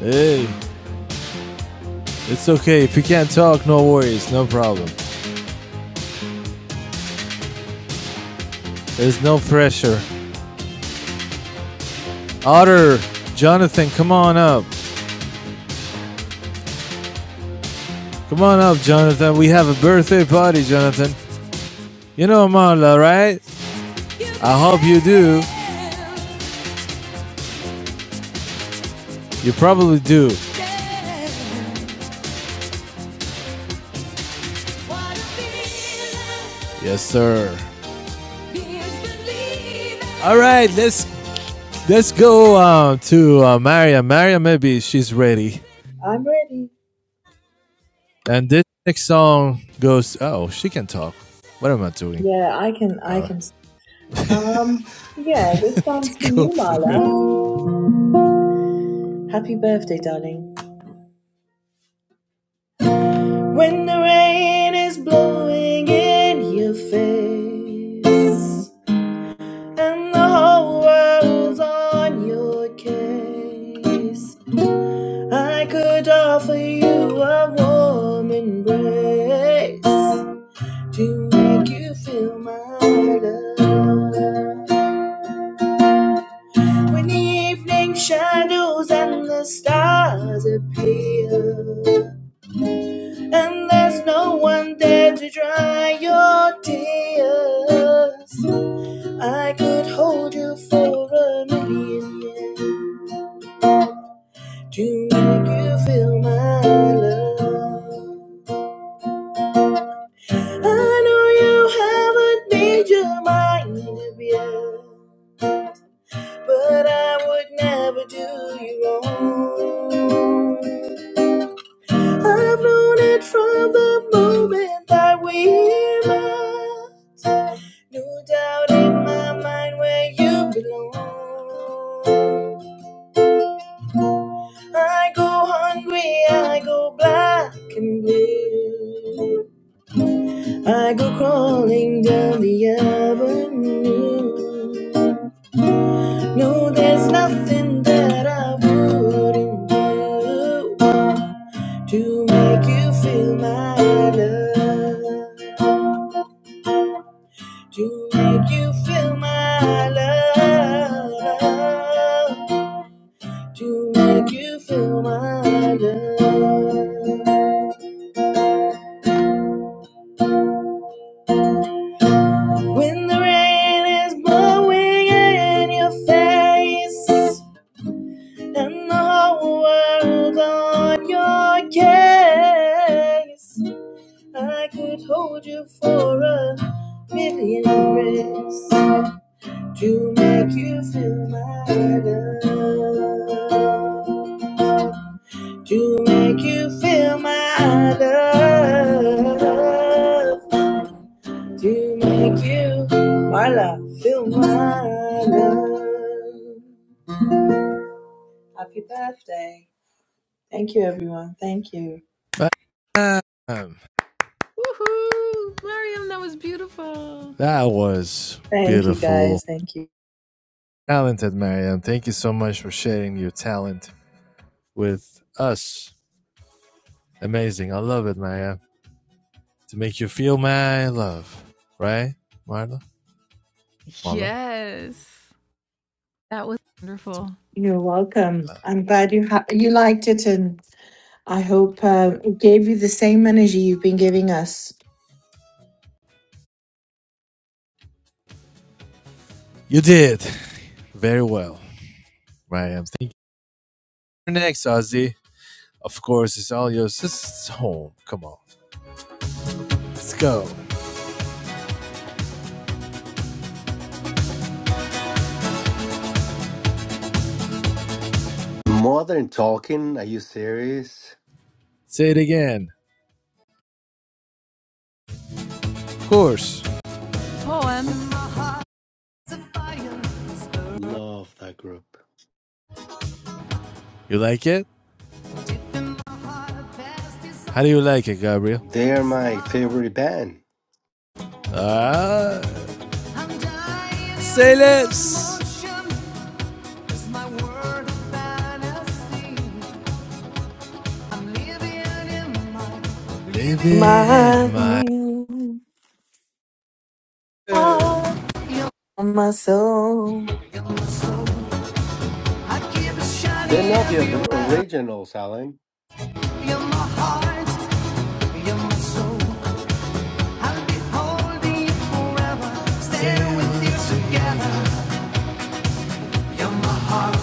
S1: Hey, it's okay. If you can't talk, no worries, no problem. There's no pressure. Otter, Jonathan, come on up. Come on up, Jonathan. We have a birthday party, Jonathan. You know Marla, right? I hope you do. You probably do. Yes, sir. All right, let's let's go uh, to uh, Maria. Maria, maybe she's ready.
S2: I'm ready.
S1: And this next song goes, oh, she can talk. What am I doing?
S2: Yeah, I can. I
S1: Uh,
S2: can. s- Um. Yeah, this song's for
S1: Go
S2: you,
S1: for it.
S2: Marla. Happy birthday, darling. When the rain is blowing in your face, And the whole world's on your case. I could offer you a warm embrace to make you feel my love. When the evening shadows and the stars appear, and there's no one there to dry your tears, I could hold you for a million years. to make you feel my love. I know you haven't made your mind up yet, but I would never do you wrong. I've known it from the moment that we met. No doubt in my mind where you belong. I go hungry, I go black and blue. I go crawling down the avenue. No, there's nothing that I wouldn't do to make you feel my love. To make you feel my love. To make you feel my love. When the rain is blowing in your face. and the whole world on your case. I could hold you for a million years to make you feel my love, to make you feel my love, to make you, Marla, feel my love. Happy birthday. Thank you, everyone. Thank you.
S1: But, uh, um,
S4: Woohoo. Mariam, that was beautiful.
S1: that was
S2: Thank you
S1: beautiful.
S2: guys. Thank you.
S1: Talented Marianne, thank you so much for sharing your talent with us. Amazing. I love it, Marianne. To make you feel my love. Right, Marla? Marla?
S4: Yes. That was wonderful.
S2: You're welcome. I'm glad you ha- you liked it, and I hope uh, it gave you the same energy you've been giving us.
S1: You did. Very well, Marianne. Thank you. Next, Ozzy. Of course, it's all yours. This is home. Come on. Let's go.
S14: Modern Talking, are you serious?
S1: Say it again. Of course.
S4: Poem.
S14: Love that group.
S1: You like it? How do you like it, Gabriel?
S14: They're my favorite band.
S1: Ah, say less. Living
S2: My
S1: in my.
S2: dream, ah, my soul.
S1: soul. I keep it
S14: They're
S1: shining
S14: not the other
S1: everywhere.
S14: originals, Alan.
S1: You're my heart, you're my soul. I'll be holding you forever. Stay with you Together, you're my heart.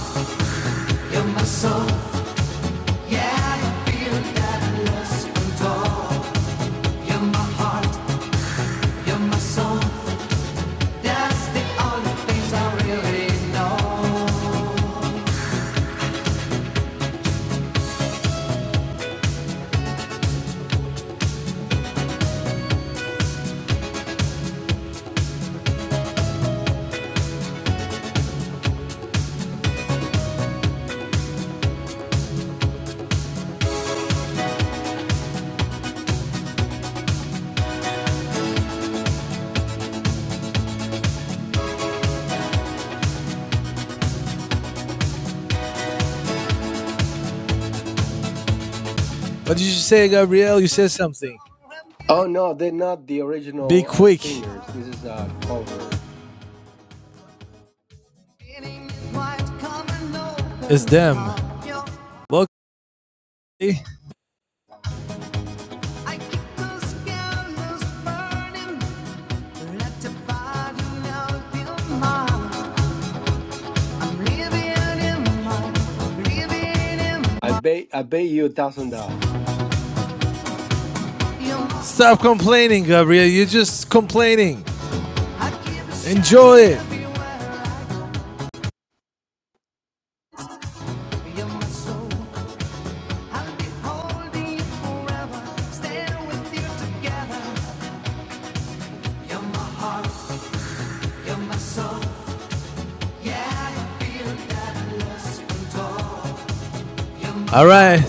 S1: What did you say, Gabriel? You said something.
S14: Oh no, they're not the
S1: Be
S14: original uh,
S1: quick.
S14: singers. This is a cover.
S1: It's them. Look.
S14: I bet I bet you a thousand dollars.
S1: Stop complaining, Gabriel. You're just complaining. Enjoy it. All right,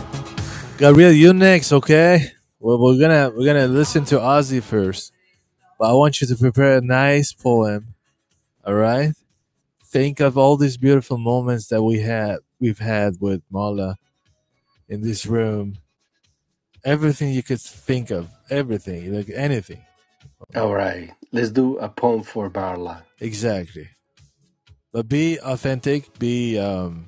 S1: Gabriel, you next, okay? Well, we're gonna we're gonna listen to Ozzy first, but I want you to prepare a nice poem. All right? think of all these beautiful moments that we had we've had with Mala in this room. Everything you could think of, everything, like anything.
S14: All right, let's do a pound for Barla.
S1: Exactly. But be authentic, be um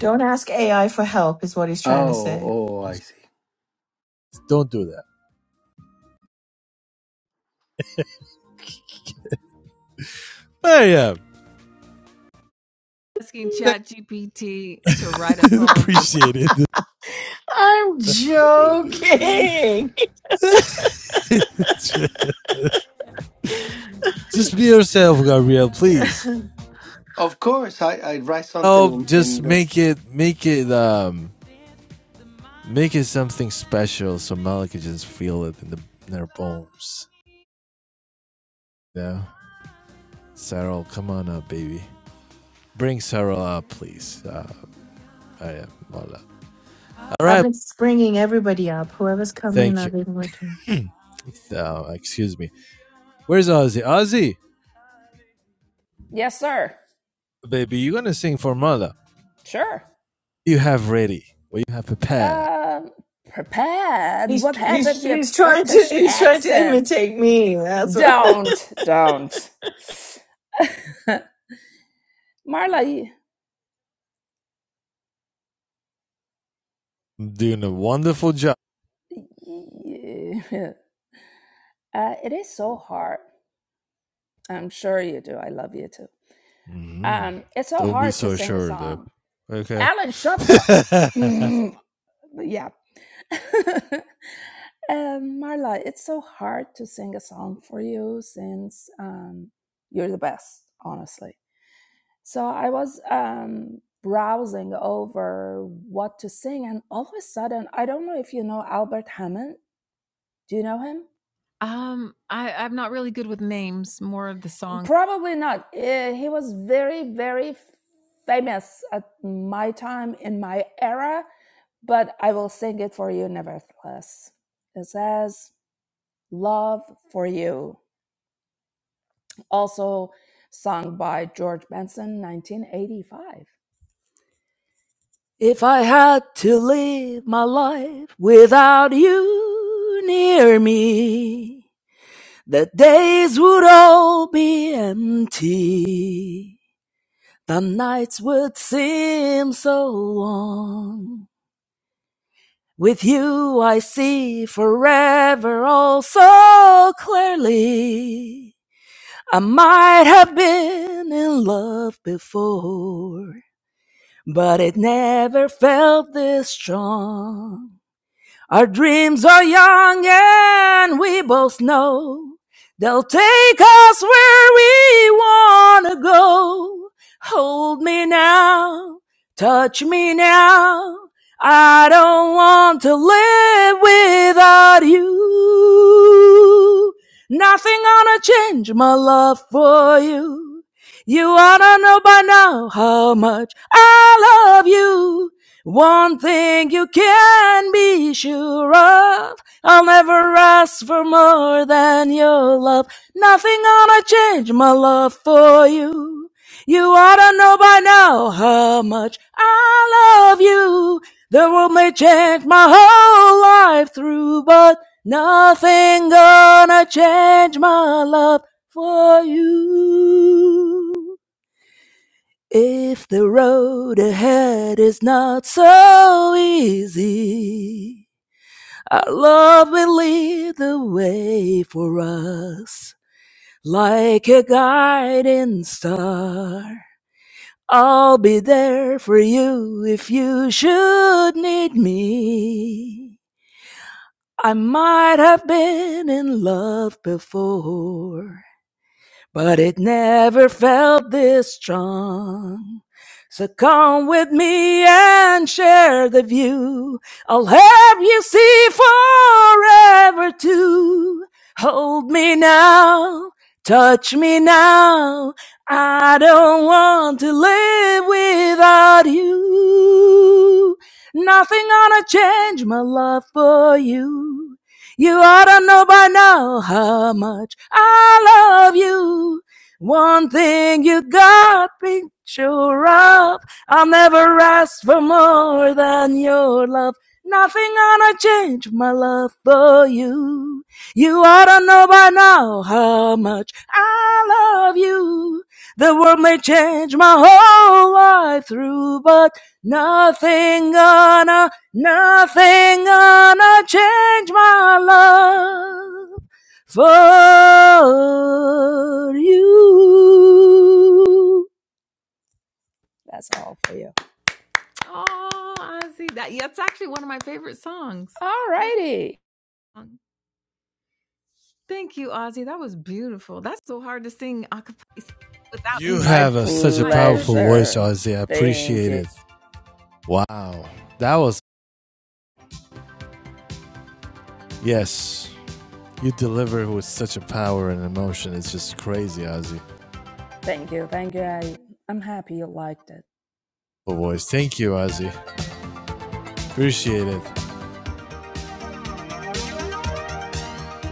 S2: Don't ask AI for help, is what he's trying to
S14: Oh,
S2: say.
S14: oh, I see.
S1: don't do that. But
S4: Asking
S1: yeah.
S4: ChatGPT to write a poem for me.
S1: Appreciate
S2: I'm joking.
S1: it. just be yourself, Gabriel, please.
S14: Of course, I I write something
S1: Oh,
S14: in
S1: just
S14: in the.
S1: make it make it um make it something special so Mala can just feel it in the in their bones. Yeah. Sarah, come on up, baby. bring Sarah up, please. Uh, I am all All
S2: I've
S1: right.
S2: been springing everybody up. Whoever's come in,
S1: Thank you.
S2: I've been with him.
S1: Uh, excuse me. Where's Ozzy? Ozzy,
S5: Yes, sir.
S1: baby, you're gonna sing for mother.
S5: Sure.
S1: You have ready. What you have prepared.
S5: Um, prepared.
S2: He's
S5: What
S2: he's
S5: happened to your
S2: he's trying to
S5: British
S2: he's trying to
S5: accent?
S2: imitate me. That's what.
S5: Don't, don't. Marla, you,
S1: Doing a wonderful job.
S5: you- uh, it is so hard. I'm sure you do. I love you too.
S1: hmm
S5: Um, it's so
S1: Don't be
S5: hard to
S1: so
S5: sing a
S1: sure, though.
S5: song.
S1: Okay.
S5: Alan, shut the. Mm, yeah. and Marla, it's so hard to sing a song for you since um, you're the best, honestly. So I was um, browsing over what to sing, and all of a sudden, I don't know if you know Albert Hammond. Do you know him?
S4: um I, I'm not really good with names, more of the song
S5: Probably not. Eh, he was very, very famous at my time in my era, but I will sing it for you nevertheless. It says, Love for You, also sung by George Benson, 1985. If I had to live my life without you near me, the days would all be empty. The nights would seem so long. With you I see forever all so clearly. I might have been in love before, but it never felt this strong. Our dreams are young and we both know they'll take us where we wanna go. Hold me now, touch me now. I don't want to live without you. Nothing gonna change my love for you. You ought to know by now how much I love you. One thing you can be sure of, I'll never ask for more than your love. Nothing gonna change my love for you. You ought to know by now how much I love you. The world may change my whole life through, but nothing gonna change my love for you. If the road ahead is not so easy, our Lord will lead the way for us like a guiding star. I'll be there for you if you should need me. I might have been in love before, but it never felt this strong. So come with me and share the view. I'll help you see forever too. Hold me now, touch me now. I don't want to live without you. Nothing gonna change my love for you. You ought to know by now how much I love you. One thing you got me sure of, I'll never ask for more than your love. Nothing gonna change my love for you. You ought to know by now how much I love you. The world may change my whole life through, but nothing gonna Nothing gonna change my love for you. That's all for you.
S4: Oh, Ozzy, that that's actually one of my favorite songs.
S5: All
S4: I love
S5: righty.
S4: that song. Thank you, Ozzy. That was beautiful. That's so hard to sing a cappella without.
S1: you
S5: My
S1: have a, such a
S4: My
S1: powerful
S4: goodness.
S1: voice,
S5: pleasure.
S1: Ozzy. I
S5: Thank
S1: appreciate
S5: you.
S1: it. Wow. That was yes. You deliver with such a power and emotion. It's just crazy, Ozzy.
S5: Thank you. Thank you. I, I'm happy you liked it.
S1: Oh, voice. Thank you, Ozzy. Appreciate it.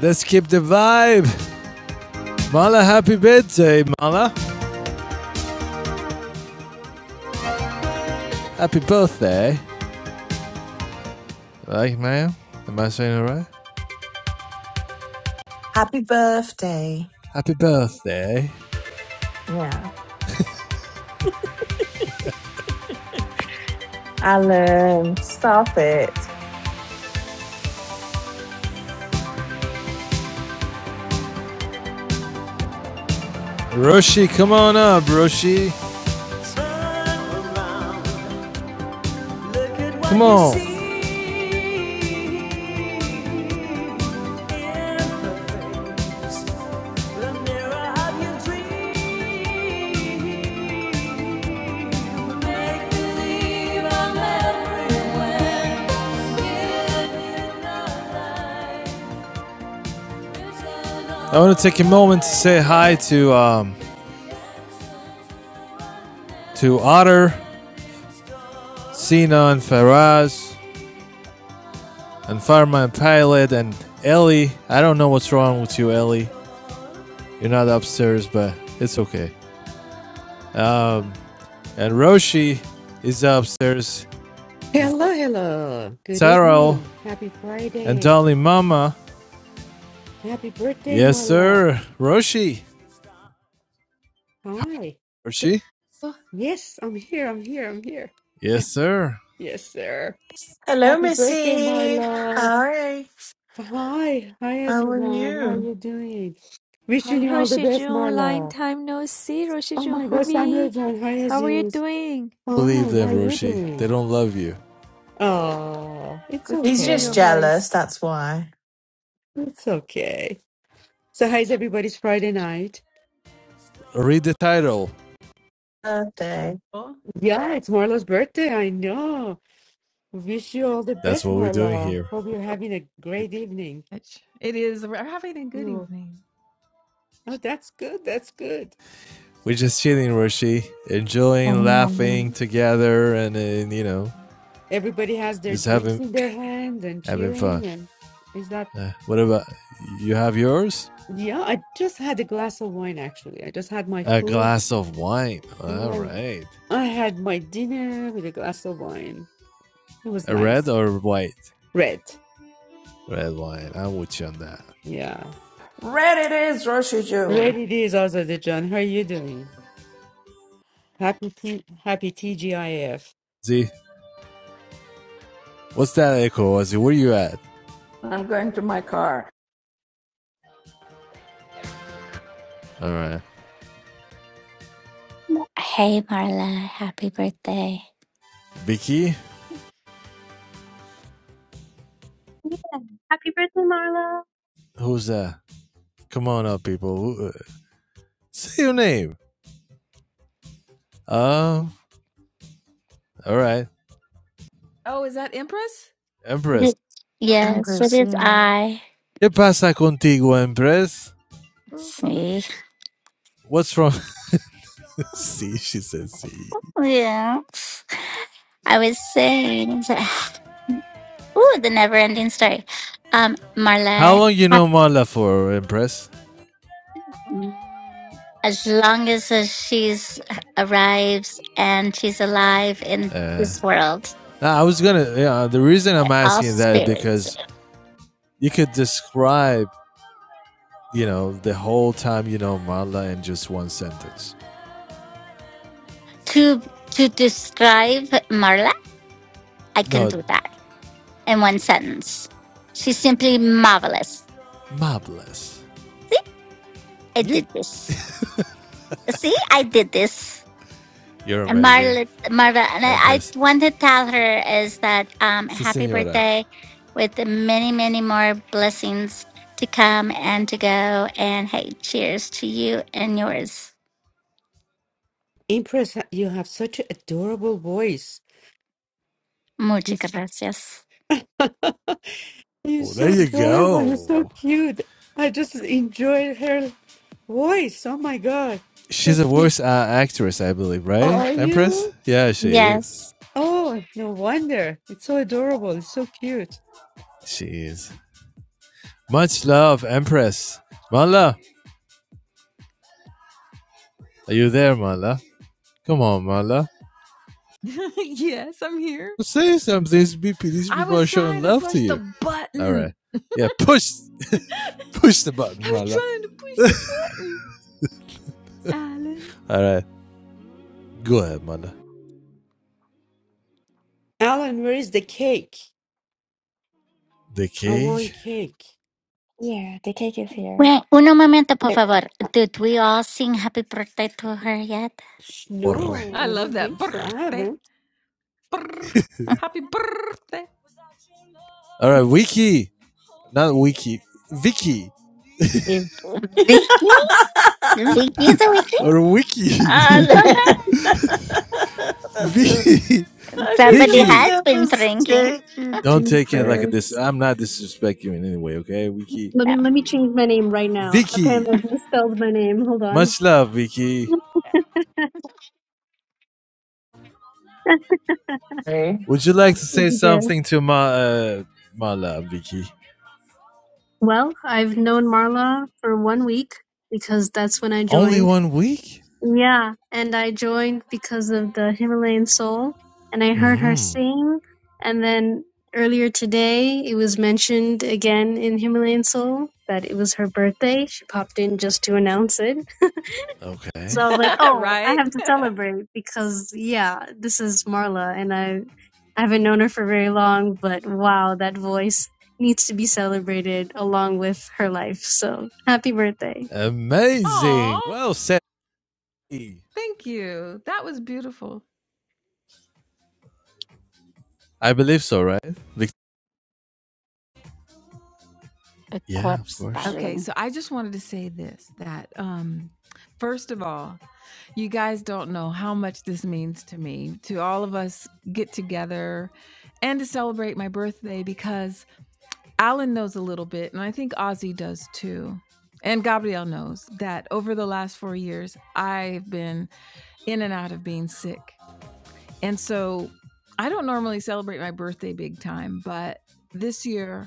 S1: Let's keep the vibe. Mala, happy birthday, Mala. Happy birthday. Like, man? Am I saying it right?
S2: Happy birthday.
S1: Happy birthday.
S2: Yeah. Alan, stop it.
S1: Roshi, come on up, Roshi. Come on. Come on. I want to take a moment to say hi to um, to Otter, Sina, and Faraz, and Fireman Pilot, and Ellie. I don't know what's wrong with you, Ellie. You're not upstairs, but it's okay. Um, and Roshi is upstairs.
S15: Hello, hello. Good
S1: Taro
S15: evening. Happy
S1: and
S15: Friday.
S1: Dolly Mama.
S15: Happy birthday,
S1: Yes,
S15: Marla.
S1: sir. Roshi.
S15: Hi.
S4: Thank
S1: Roshi?
S4: you
S15: Yes, I'm here. I'm here. I'm here.
S1: Yes, sir.
S15: Yes, sir.
S2: Hello,
S15: Happy birthday,
S2: Missy.
S15: Marla.
S2: Hi.
S15: Hi. Hi,
S2: How are
S15: Aziram. How are
S2: you?
S15: you doing? Wishing
S13: Hi,
S15: you all the
S13: Roshi
S15: best,
S13: Jun. Long
S15: Marla.
S13: time no see, Roshi
S15: Oh
S13: Jun.
S15: my gosh, Samuel
S13: Hubi,
S15: John. Hi,
S13: how are you
S15: Aziz.
S13: doing?
S15: Oh,
S1: Believe
S15: how
S1: them,
S15: are you
S1: Roshi. They
S15: doing?
S1: don't love you.
S15: Oh, it's
S13: Good to
S2: He's
S13: hear
S2: just
S13: your
S15: okay.
S2: jealous,
S13: voice.
S2: that's why.
S15: It's okay. So, how's everybody's Friday night?
S1: Read the title.
S2: Birthday,
S4: so
S15: Yeah, it's Marla's birthday. I know. Wish you all the
S1: That's
S15: best,
S1: what we're doing
S15: Marla.
S1: here.
S15: Hope you're having a great evening.
S4: It is. We're having a good
S15: You.
S4: evening.
S15: Oh, that's good. That's good.
S1: we're just chilling, Roshi,
S16: Oh
S1: enjoying,
S16: my
S1: laughing
S16: God!
S1: together, and, uh, and you know,
S15: Everybody has their
S1: just
S15: drinks
S1: having
S15: in their hand and
S1: having fun.
S15: cheering. And is that?
S1: Uh, what about you? Have yours?
S15: Yeah, I just had a glass of wine, actually. I just had my
S1: A
S15: food.
S1: glass of wine. All
S15: Yeah.
S1: right,
S15: I had my dinner with a glass of wine. It was
S1: a red
S15: nice.
S1: or white?
S15: Red.
S1: Red wine. I'm with you on that.
S15: Yeah.
S5: Red it is, Roshi
S15: Red
S5: June.
S15: it is, Azadejan. How are you doing? Happy T happy TGIF.
S1: Z, what's that echo? Ozzy, where you at?
S5: I'm going to my car.
S1: All right,
S16: Hey, Marla. Happy birthday.
S1: Vicky,
S17: Yeah. Happy birthday, Marla.
S1: who's that? Come on up, people. uh, Say your name. Um. All right,
S4: Oh, is that Empress?
S16: It is-
S1: Empress.
S16: it-
S4: Hi.
S16: Yes, it
S2: Empress,
S16: is
S2: yeah.
S16: I.
S1: ¿Qué pasa contigo, Empress?
S4: Oh.
S16: See?
S1: What's wrong? C. She said C.
S16: Yeah. I was saying, ooh, the never ending story. Um,
S1: How
S16: Marla,
S1: long you
S16: hap-
S1: know Marla for, Empress?
S16: mm, as long as uh, she's uh, arrives and she's alive in this world,
S1: Nah, I was gonna. Yeah, the reason I'm
S16: all
S1: asking that is
S16: spirits.
S1: because you could describe, you know, the whole time you know Marla in just one sentence.
S16: To, to describe Marla, I can
S1: No,
S16: do that in one sentence. She's simply marvelous.
S1: marvelous.
S16: See, I
S1: Yeek.
S16: did this. See, I did this.
S1: You're
S16: And
S1: amazing,
S16: Marla, Marva, and I, I
S1: Empress.
S16: want to tell her is that um,
S1: Si,
S16: happy
S1: senora.
S16: birthday with many, many more blessings to come and to go. And hey, cheers to you and yours.
S15: Impress, you have such an adorable voice.
S16: Muchas gracias.
S15: You're
S1: Oh, there
S15: so
S1: you
S15: adorable. You're so
S1: go.
S15: cute. I just enjoyed her voice. Oh my God. So
S1: She's a
S15: cute.
S1: voice uh, actress, I believe,
S15: Oh,
S1: right,
S15: are
S1: Empress?
S15: you?
S1: Yeah, she is.
S16: Yes.
S15: Oh, no wonder. It's so adorable. It's so cute.
S1: She is. Much love, Empress. Marla, are you there, Marla? Come on, Mala.
S4: yes, I'm here.
S1: Say something. These people, these
S4: I
S1: people are
S4: was
S1: showing
S4: trying to
S1: love to
S4: push the
S1: you. All right.
S4: button.
S1: Yeah, push push the button,
S4: I was
S1: Mala.
S4: trying to push the button, Alan.
S1: All right. Go ahead, Mala.
S15: Alan, where is the cake?
S1: The
S15: I want
S1: cake
S15: cake.
S16: Wait, uno momento, por favor.
S15: Uh,
S16: Did we all sing happy birthday to her yet?
S15: sh-
S1: or re.
S15: No,
S4: I
S15: I
S4: love
S15: don't
S4: that
S15: think so. I
S4: birthday.
S15: haven't.
S4: Brr. Happy birthday.
S1: All right, Wiki. Not Wiki. Vicky.
S16: Mm. Vicky? Vicky is a Vicky?
S1: Or Wiki.
S2: Alan!
S17: Let
S16: Okay.
S2: That's-
S1: Vicky.
S2: How could you
S16: Somebody
S2: make
S1: Vicky.
S16: has
S2: that
S16: been drinking.
S2: mistake, you
S1: Don't take it like this.
S2: doofus?
S1: I'm not disrespecting you in any way, okay? Wiki.
S17: me let me change my name right now.
S1: Vicky.
S17: Apparently, I've misspelled my name. Hold on.
S1: Much love, Vicky. Would you like
S16: Uh,
S1: to say
S17: Yeah.
S1: something to Ma, uh, Mala, Vicky?
S17: Well, I've known Marla for one week because that's when I
S1: Only
S17: joined.
S1: one week?
S17: Yeah, and I joined because of the Himalayan Soul, and I heard her
S1: hmm
S17: sing. And then earlier today, it was mentioned again in Himalayan Soul that it was her birthday. She popped in just to announce it.
S1: Okay.
S17: So I was like, oh, I
S4: right?
S17: have to celebrate because yeah, this is Marla and I, I haven't known her for very long, but wow, that voice needs to be celebrated along with her life. So happy birthday.
S4: Aw,
S1: Amazing. Well said.
S4: thank you. That was beautiful.
S1: I believe so, right? Vic-
S16: A
S1: yeah, of
S16: corpse
S1: course.
S4: Okay,
S16: styling.
S4: so I just wanted to say this that um first of all, you guys don't know how much this means to me to all of us get together and to celebrate my birthday because Alan knows a little bit and I think Ozzy does too. And Gabrielle knows that over the last 4 years I've been in and out of being sick. And so I don't normally celebrate my birthday big time, but this year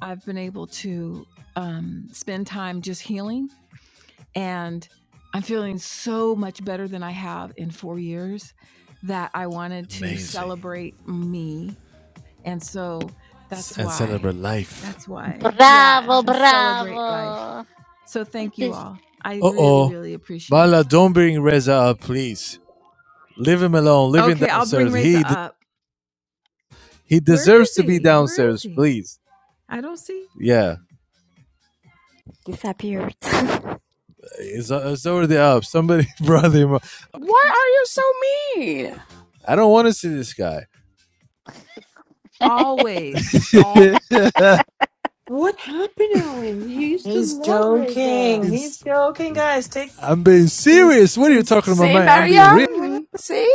S4: I've been able to um, spend time just healing, and I'm feeling so much better than I have in four years that I wanted to
S1: Amazing.
S4: celebrate me. And so
S1: S-
S4: that's
S1: And
S4: why,
S1: celebrate life.
S4: that's why, yeah,
S16: Bravo,
S4: and celebrate life.
S16: bravo.
S4: So thank you
S16: This
S4: all. I
S1: Uh
S4: really,
S1: oh.
S4: really appreciate
S1: Mala,
S4: it.
S1: don't bring Reza up, please. Leave him alone. Leave him
S4: Okay, I'll bring
S1: downstairs. He
S4: Reza
S1: d-
S4: up.
S1: he
S4: Where
S1: deserves
S4: is
S1: to be
S4: he? Where is
S1: downstairs,
S4: he?
S1: please.
S4: I don't see.
S1: Yeah, it's, it's already up. Somebody brought him up. Okay.
S5: Why are you so mean?
S1: I don't want to see this guy.
S4: Always. All.
S15: What happened, Alan? You used to
S2: He's
S15: love
S2: joking.
S15: Reza.
S2: He's
S1: it's,
S2: joking, guys. Take
S1: I'm being
S2: he's,
S1: serious. What are you
S2: he's
S1: talking about,
S5: See,
S1: man? I'm being real.
S15: What happened?
S5: Mariam? See?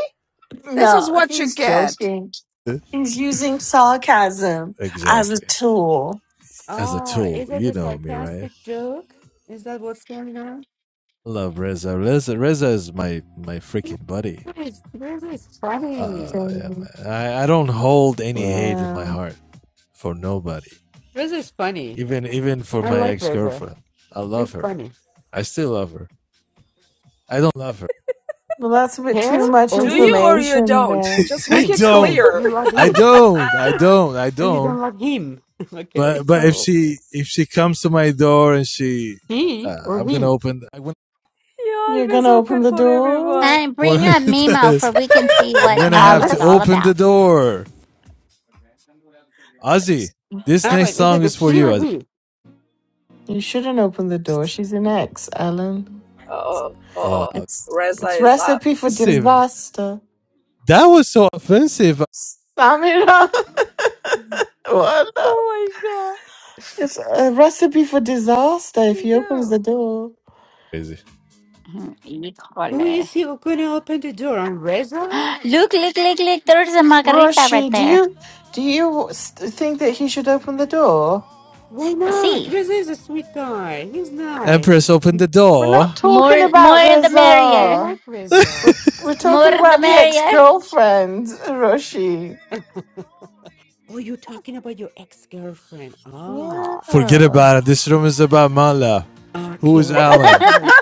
S5: This
S2: no,
S5: is what you
S2: he's
S5: get.
S2: joking. He's using sarcasm as a
S1: Exactly.
S2: tool.
S1: as a
S15: Oh,
S1: tool.
S15: is it
S1: You
S15: a
S1: know me, right?
S15: sarcastic joke? Is that what's going on?
S1: I love Reza. Reza, Reza is my my freaking buddy.
S15: Yes, Reza is funny.
S1: Oh, yeah,
S2: Okay.
S1: I I don't hold any hate in my
S2: Yeah.
S1: heart for nobody,
S15: Rizzo's funny.
S1: even even for
S15: I
S1: my
S15: like
S1: ex
S15: Rizzo.
S1: girlfriend. I love
S15: He's
S1: her.
S15: funny.
S1: I still love her. I don't love her.
S2: Well, that's a bit
S15: Her
S2: too much
S15: or
S5: Do you
S15: him?
S5: or you
S2: information
S5: don't?
S2: there.
S5: Just
S1: I
S5: make it
S15: Him,
S1: don't.
S15: him.
S5: clear.
S15: You love
S1: I
S15: him.
S1: don't. I don't. I
S15: and you don't
S1: don't.
S15: love him. okay.
S1: But but if
S2: Oh,
S1: she if she comes to my door and she,
S15: He
S1: uh,
S15: or
S1: I'm gonna
S15: he?
S1: open. I wouldn't
S13: You're
S2: You're
S13: always
S2: gonna open
S13: open
S2: the
S13: for
S2: door,
S13: everyone.
S16: and
S1: want
S16: bring up Nemo
S1: to-
S16: for we can see
S1: I'm
S16: what
S1: gonna have to
S2: Alan.
S16: Nemo's all
S1: open the
S16: about.
S1: door. Ozzy, this next
S15: Alan, is
S1: song
S15: it a
S1: is for
S15: she
S1: you,
S15: or
S1: Ozzy.
S15: he?
S2: You shouldn't open the door. She's an ex, Alan.
S5: Oh, oh,
S1: Oh,
S5: oh.
S2: It's
S5: Reza
S2: it's
S5: is up.
S2: recipe for
S1: offensive.
S2: disaster.
S1: That was so offensive.
S2: Sum it up. What?
S13: Oh my god.
S2: It's a recipe for disaster
S4: Where'd
S2: if
S4: he
S2: he opens the
S4: go?
S2: door.
S1: Crazy.
S16: Hmm,
S15: Who
S16: Híjole.
S15: is he who couldn't open the door? On Rizzo?
S16: Look, look, look, look. There's a margarita right
S2: Roshi, do
S16: there.
S2: you do you st- think that he should open the door?
S15: Why not?
S16: See,
S15: Rizzo is a sweet guy. He's nice.
S1: Empress, open the
S2: We're
S1: door.
S2: not talking
S16: more,
S2: about
S16: more the
S15: I
S16: merrier.
S2: Reza.
S15: like
S2: We're
S15: Rizzo.
S2: we're
S15: He's
S16: More
S2: talking
S16: the
S2: about the
S15: nice.
S2: ex
S16: merrier.
S2: girlfriend, Roshi.
S15: Oh, you're talking about your ex-girlfriend. Ah.
S1: Forget
S2: Yeah.
S1: about it. This room is about Mala. Who
S15: Okay,
S1: is Alan?
S15: okay.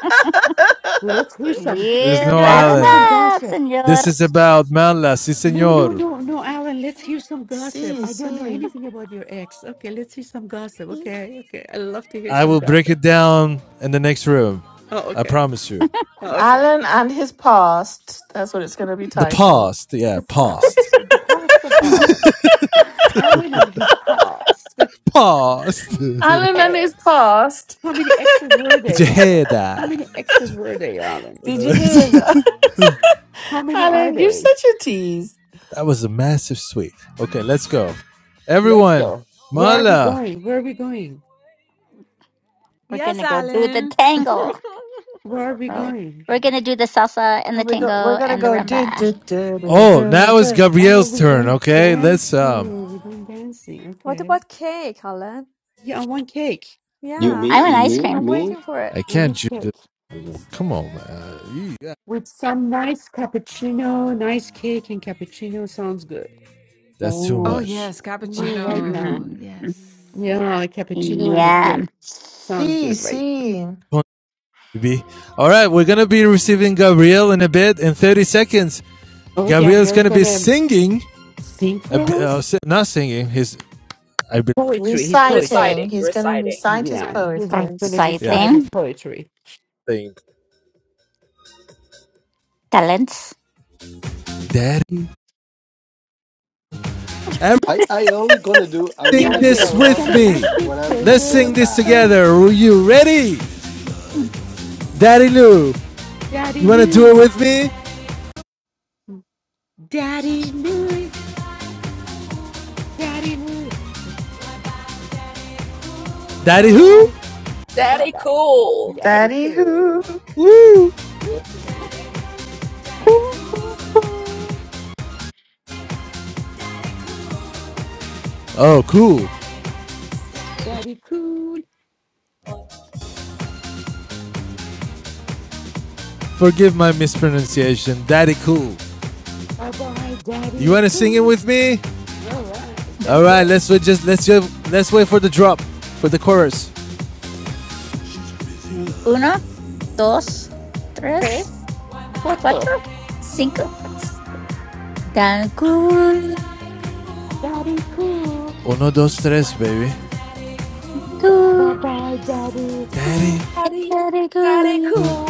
S15: Let's hear some.
S1: There is
S16: You
S1: no
S2: Forget
S16: brought
S15: Let's
S16: it
S15: hear
S1: Alan.
S15: some
S2: about.
S16: up,
S15: gossip.
S16: senor.
S1: This is about Mala, si
S15: No, no,
S1: senor.
S15: no, no, Alan, let's hear some gossip.
S2: See,
S15: I don't know
S2: see.
S15: anything about your ex. Okay, let's hear some gossip. Okay, okay. I love to hear
S1: I
S15: some
S1: will break
S15: gossip.
S1: it down in the next room.
S15: Oh,
S1: I
S15: okay.
S1: promise you.
S15: Oh, okay.
S2: Alan and his past. That's what it's going to be
S1: The
S2: titled.
S1: past, yeah,
S15: The
S1: past.
S15: past, the past of
S16: We're
S15: Alan. Alan and his past,
S1: Past.
S15: his
S1: Did
S2: Alan and his
S15: ex.
S2: past.
S15: How many exes were
S1: you
S15: they, Alan?
S1: hear
S15: How
S1: that?
S15: many exes were they, Alan?
S2: Did you hear that?
S15: How many are
S2: Alan, you're
S15: they?
S2: such a tease.
S1: That was a massive sweep. Okay, let's go.
S15: Let's
S1: Everyone,
S15: go. Where are we
S1: Mala.
S15: going? Where are we going?
S4: Yes,
S16: gonna go do the
S4: Alan.
S16: tango.
S15: Where are we
S16: Oh,
S15: going?
S16: we're gonna do the salsa and
S2: Oh,
S16: the
S2: we go, we're
S16: tango
S2: gonna
S16: and the
S2: go do do
S16: rumba.
S2: do do
S1: Oh,
S2: do
S1: now it's
S2: do.
S15: Oh,
S1: Gabriel's
S15: we're
S1: turn.
S15: going
S1: Okay, let's. Um,
S15: dancing. We're going dancing.
S13: What
S15: Okay.
S13: about cake, Alan?
S15: Yeah, I want cake.
S14: You
S16: Ooh,
S13: Yeah,
S16: I
S14: mean
S16: want
S14: you
S16: ice
S14: mean
S16: cream.
S13: I'm
S14: me?
S13: waiting for it.
S1: I
S15: I
S1: can't.
S15: need
S1: Ju-
S15: cake
S1: do- Come on, man.
S15: with some nice cappuccino, nice cake and cappuccino sounds good.
S1: That's too
S4: Oh
S16: Ooh.
S1: much.
S4: yes,
S15: No, right
S4: cappuccino.
S15: now.
S4: Yes.
S15: Yeah, a
S16: Mm.
S15: cappuccino and a
S16: Yeah.
S15: cake sounds
S2: See,
S15: good, right?
S2: see,
S1: Come on, baby. All right, we're gonna be receiving Gabriel in a bit. In 30 seconds,
S15: Oh,
S1: Gabriel's
S15: Gabriel's
S1: gonna be
S15: gonna
S1: singing.
S15: sing
S1: A, bi-
S15: for
S1: uh,
S15: us
S1: si- not singing. His. I. be-
S15: poetry. His poetry.
S2: reciting.
S5: Reciting,
S2: He's gonna
S5: reciting.
S2: recite his
S15: Yeah, he's re-
S2: poetry.
S15: gonna
S1: Yeah.
S15: recite his
S16: Exciting.
S15: poetry.
S1: Sing.
S16: Talents.
S1: Daddy,
S14: I I only gonna do I
S1: everything
S14: only gonna do
S1: this
S15: Gabriel, can
S1: with
S15: I
S1: me.
S15: ask
S14: concerts
S15: you a
S14: when I'm
S1: Let's
S14: taking a
S1: sing
S15: favor?
S1: this
S14: bath
S1: together. Are you ready? Daddy Lou.
S15: Daddy
S1: You want to do it
S15: knew,
S1: with me?
S15: Daddy knew, Daddy knew.
S1: Daddy
S15: Bye
S1: who?
S15: bye, bye
S5: Daddy
S15: bye.
S5: cool.
S15: Daddy
S2: Daddy
S15: cool,
S2: who,
S1: Woo!
S15: Woo.
S16: Hoo, hoo, hoo.
S1: Oh, cool.
S15: Daddy cool.
S1: Forgive my mispronunciation. Daddy cool.
S15: Bye bye,
S1: You
S15: Daddy
S1: want to sing it
S15: Cool.
S1: with me?
S15: All right,
S1: All
S15: let's
S1: right,
S15: go.
S1: let's wait just let's ju- let's wait for the drop for the chorus.
S16: Mm, Uno, dos, tres,
S15: Tres, cuatro.
S16: cuatro, cinco. Cancún.
S15: Daddy Cool.
S1: Uno, dos, tres, baby.
S15: Bye
S16: Cancún.
S15: bye, Daddy
S1: Daddy.
S15: Cool.
S5: Daddy, daddy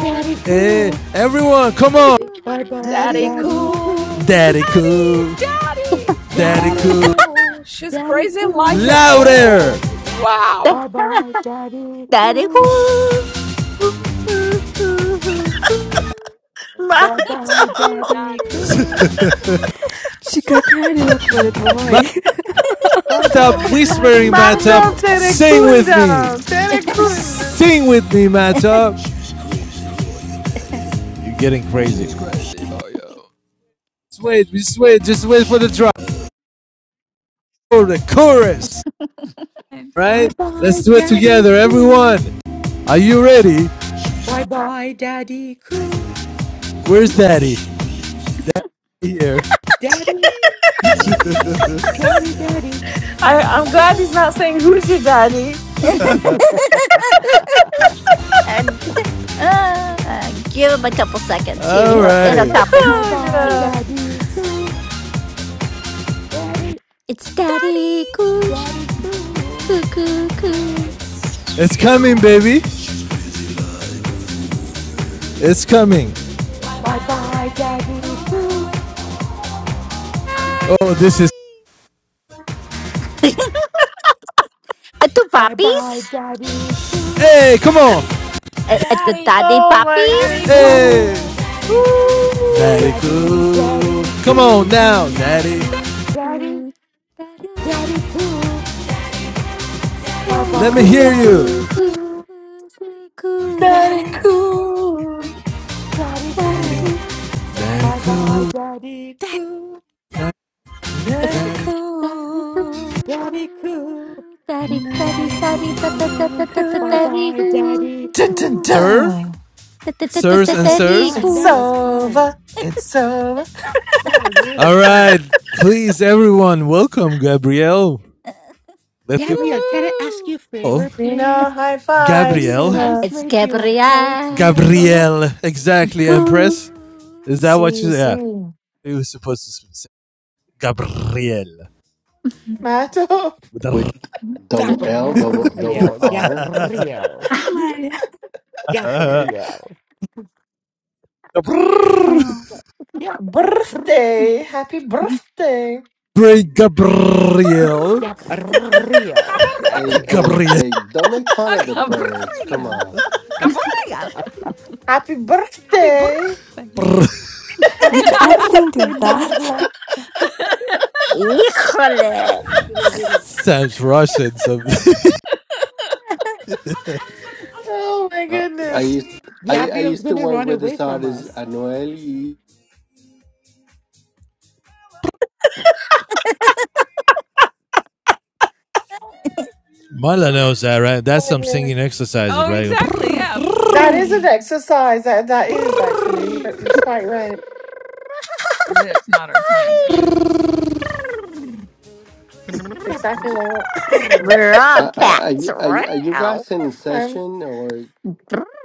S15: Daddy
S1: Hey,
S15: Cool.
S1: everyone, come on.
S16: Cancún.
S15: Bye bye,
S2: daddy
S5: Daddy
S15: Daddy
S2: who,
S15: Cool.
S5: cool.
S1: Daddy
S4: Daddy,
S1: cool.
S4: daddy,
S1: Daddy
S15: Daddy,
S5: Daddy
S1: cool.
S5: cool. She's
S15: Daddy
S5: crazy like
S15: Cool.
S5: a
S1: Louder.
S5: fool. Wow.
S15: Bye bye, Daddy
S16: Daddy
S15: Cool.
S16: cool.
S2: my
S15: Bye bye,
S4: eh,
S15: Daddy
S4: daddy,
S15: Cool.
S1: Matt
S15: Bye bye,
S1: whispering
S15: Daddy
S1: Matt
S2: my dog
S15: Cool.
S2: Tere
S1: Sing with me.
S2: Kunda, Tere Kun.
S1: Sing with me, Matt You're getting crazy. Just wait, just wait, just wait for the drop. for the chorus.
S4: and
S15: Bye
S1: Right? Let's
S15: bye,
S1: do it
S15: Daddy
S1: together,
S15: Cool.
S1: everyone. Are you ready?
S15: Bye bye, Daddy Cool.
S1: Where's daddy? Here.
S15: Daddy, Daddy, Daddy.
S2: I I'm glad he's not saying who's your daddy.
S16: and uh, give him a couple seconds. He,
S1: All
S16: he'll, it'll
S1: right.
S16: happen.
S15: Bye
S2: Oh
S15: bye,
S2: god.
S15: Daddy Cool. Daddy,
S16: It's Daddy
S4: daddy,
S16: cool.
S15: Daddy Cool.
S16: Coo, coo, coo.
S1: It's coming, baby. It's coming.
S15: Bye bye, Daddy Cool.
S1: Oh, this is.
S4: daddy,
S16: Uh, Two
S15: Bye bye,
S16: puppies?
S15: Daddy Cool.
S1: Hey, come on.
S16: Uh, uh, the
S5: Daddy,
S16: daddy
S2: Oh my
S5: daddy
S2: god.
S16: puppies?
S15: Daddy,
S1: Hey,
S5: cool.
S2: Ooh,
S1: daddy
S15: Daddy,
S1: cool.
S15: Daddy
S1: Come
S16: I'm
S15: Cool.
S1: on now,
S16: going
S1: daddy.
S15: Daddy,
S16: over that.
S15: Daddy Cool. Bye
S16: Very
S1: Let me
S15: bye,
S1: hear
S16: cool,
S1: you.
S16: cool,
S15: Daddy
S16: cool,
S15: Cool.
S16: cool, cool.
S2: daddy
S15: Daddy,
S2: cool,
S15: Daddy
S16: Very
S15: Cool.
S16: cool.
S1: Daddy
S15: Bye bye,
S1: cool.
S15: Daddy
S4: daddy.
S15: Cool.
S1: Da-
S2: daddy
S1: Daddy.
S16: Very cool.
S2: cool.
S15: Daddy Cool.
S16: Very, very, very, da, da, da, da, da, da,
S15: Bye
S16: very
S15: bye,
S16: cool.
S15: Daddy
S2: Dun, dun,
S15: Cool.
S1: Sir,
S2: dun.
S16: Da, da, da, da,
S1: sirs
S15: That
S1: and
S15: was
S1: sirs.
S15: fun.
S2: It's
S15: That
S16: cool.
S15: was fun.
S2: over. It's over.
S15: That was really
S1: All
S15: fun.
S1: right. Please, everyone, welcome Gabrielle. Let's give.
S15: Gabriel, can I ask
S4: Woohoo!
S15: you a
S1: Oh,
S15: favor, please?
S2: Cena, high five,
S15: Can you
S1: Gabrielle.
S2: Cena.
S16: It's
S15: translate your
S16: Gabriel.
S15: poetry?
S1: Gabrielle. Exactly,
S16: Cool.
S1: Empress. Is that what you
S2: See,
S1: said?
S2: see.
S1: Yeah. It was supposed to say Gabrielle.
S2: Matto,
S1: With a
S14: with double L double double
S15: Gabriel,
S14: R.
S15: Gabriel,
S1: r-
S15: Gabriel, Gabriel,
S2: birthday. Happy birthday.
S1: Great Gabrielle.
S4: Brrr.
S15: Gabriel,
S4: Da- brr- brr.
S14: Hey
S15: Gabriel.
S14: hey
S1: Gabrielle.
S14: hey! Don't make fun
S4: Ah,
S14: of the birds. Come
S4: Gabriel,
S14: on.
S4: Gabriel,
S2: Happy
S4: happy
S2: birthday.
S4: birthday.
S15: Happy birthday, Marla.
S16: Híjole.
S1: Sounds Russian. So,
S2: Oh my
S14: Uh, I
S2: goodness.
S14: used I I
S15: Gabriel's
S14: used to
S15: gonna
S14: work
S15: run
S14: with
S15: away
S14: this
S15: from
S14: artist
S15: us.
S14: Anuel.
S1: Mala knows that, right?
S2: Oh
S1: That's
S2: my
S1: some
S2: goodness.
S1: singing exercises,
S4: oh,
S1: right?
S4: exactly. Yeah.
S2: That is an exercise. That, that is actually. That,
S4: Brrr.
S2: you're quite right.
S4: Lips, not our tongue.
S2: Exactly like what.
S15: Gabriel,
S16: We're all
S14: Are, are,
S16: cats.
S14: you- are, you- are you
S16: Wow.
S14: guys in
S2: Um,
S14: session or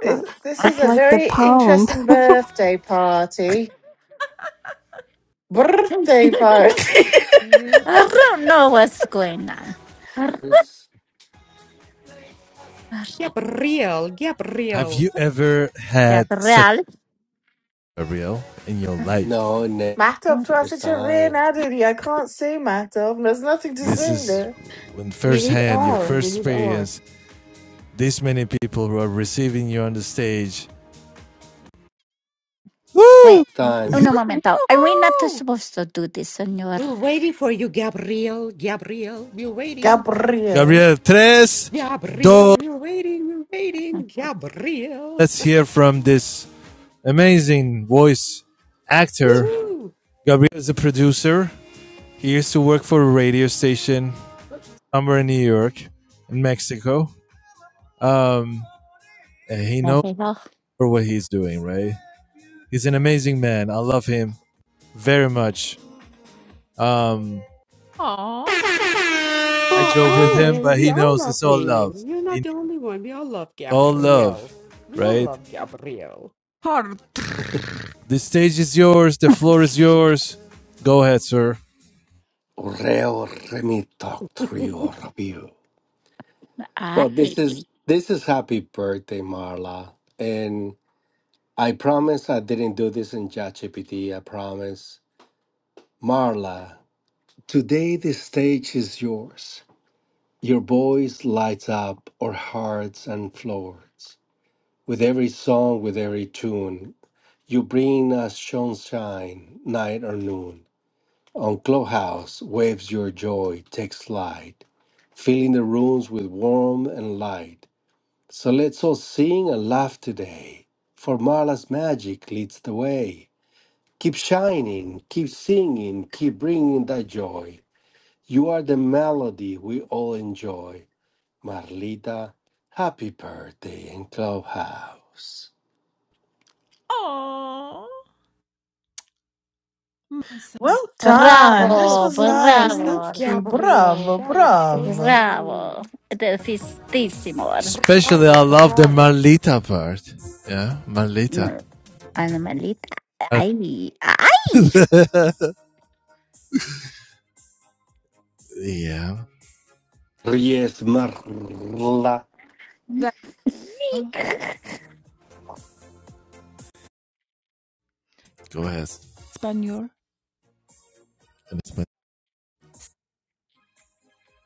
S2: is- this is a very interesting birthday party. Birthday party.
S4: Eh.
S16: I don't know what's going on.
S14: it's
S15: Gabriel,
S1: Have
S15: Gabriel.
S1: you ever
S16: Cat
S1: had such
S16: Real.
S1: a Gabrielle in your life?
S14: no next
S2: Mahtub, try such a rare
S14: time
S2: duty. I can't say Mahtub. There's nothing to
S1: This
S2: say
S1: is
S2: there.
S1: when
S15: We need
S1: firsthand, your
S15: all, we
S1: first
S15: need all.
S1: experience, this many people who are receiving you on the stage. Woo!
S16: Wait, un
S14: time
S16: momento. Are we not
S4: Woohoo!
S16: supposed to do this, senor?
S15: We're waiting for you, Gabriel, Gabriel. We're waiting.
S2: Gabriel.
S1: Gabriel, tres,
S15: Gabriel,
S1: dos.
S15: we're waiting, we're waiting. Gabriel.
S1: Let's hear from this amazing voice actor.
S15: Woohoo!
S1: Gabriel is a producer. He used to work for a radio station somewhere in New York, in Mexico. And he
S16: No.
S1: knows what he's doing, right? He's an amazing man. I love him very much. Um,
S4: Aw.
S1: I
S15: Oh,
S1: joke with him,
S15: Alan,
S1: but
S15: we
S1: he
S15: all
S1: knows
S15: love
S1: it's all love.
S15: him. You're
S1: He
S15: not the only one. We all love
S1: knows all
S15: Gabrielle.
S1: love,
S15: We all
S1: right?
S15: love Gabrielle.
S4: Hard.
S1: The stage is yours. The floor is yours. Go ahead, sir.
S14: Oreo let me talk to you or you well
S16: Ay.
S14: this is this is happy birthday Marla and I promise I didn't do this in ChatGPT I promise Marla today the stage is yours your voice lights up our hearts and floors with every song with every tune You bring us sunshine, night or noon. On Clubhouse, waves your joy takes flight, filling the rooms with warmth and light. So let's all sing and laugh today, for Marla's magic leads the way. Keep shining, keep singing, keep bringing that joy. You are the melody we all enjoy. Marlita, happy birthday in Clubhouse.
S4: Oh, my son.
S2: Well done.
S15: That
S2: This
S15: was
S16: Bravo,
S2: was
S15: so
S2: nice.
S15: sweet,
S2: Thank
S16: bravo,
S2: you.
S15: Gabrielle.
S2: Bravo,
S15: That was so
S2: bravo.
S15: sweet.
S16: bravo. Defistísimo.
S1: Especially, I
S15: Bravo,
S1: love the
S15: bravo.
S1: Marlita part. Yeah, Marlita.
S16: Animalita. Ay, ay.
S1: yeah,
S14: Yes, Marla.
S4: That girl,
S1: go ahead.
S4: Spaniel.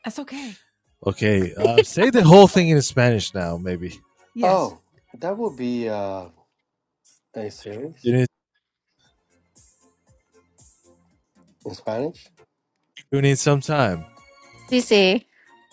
S4: That's okay.
S1: Okay, uh, say the whole thing in Spanish now. Maybe
S4: Yes.
S14: Oh, that would be uh a
S1: you
S14: series
S1: need
S14: in Spanish?
S1: you need some time.
S16: Sí, sí.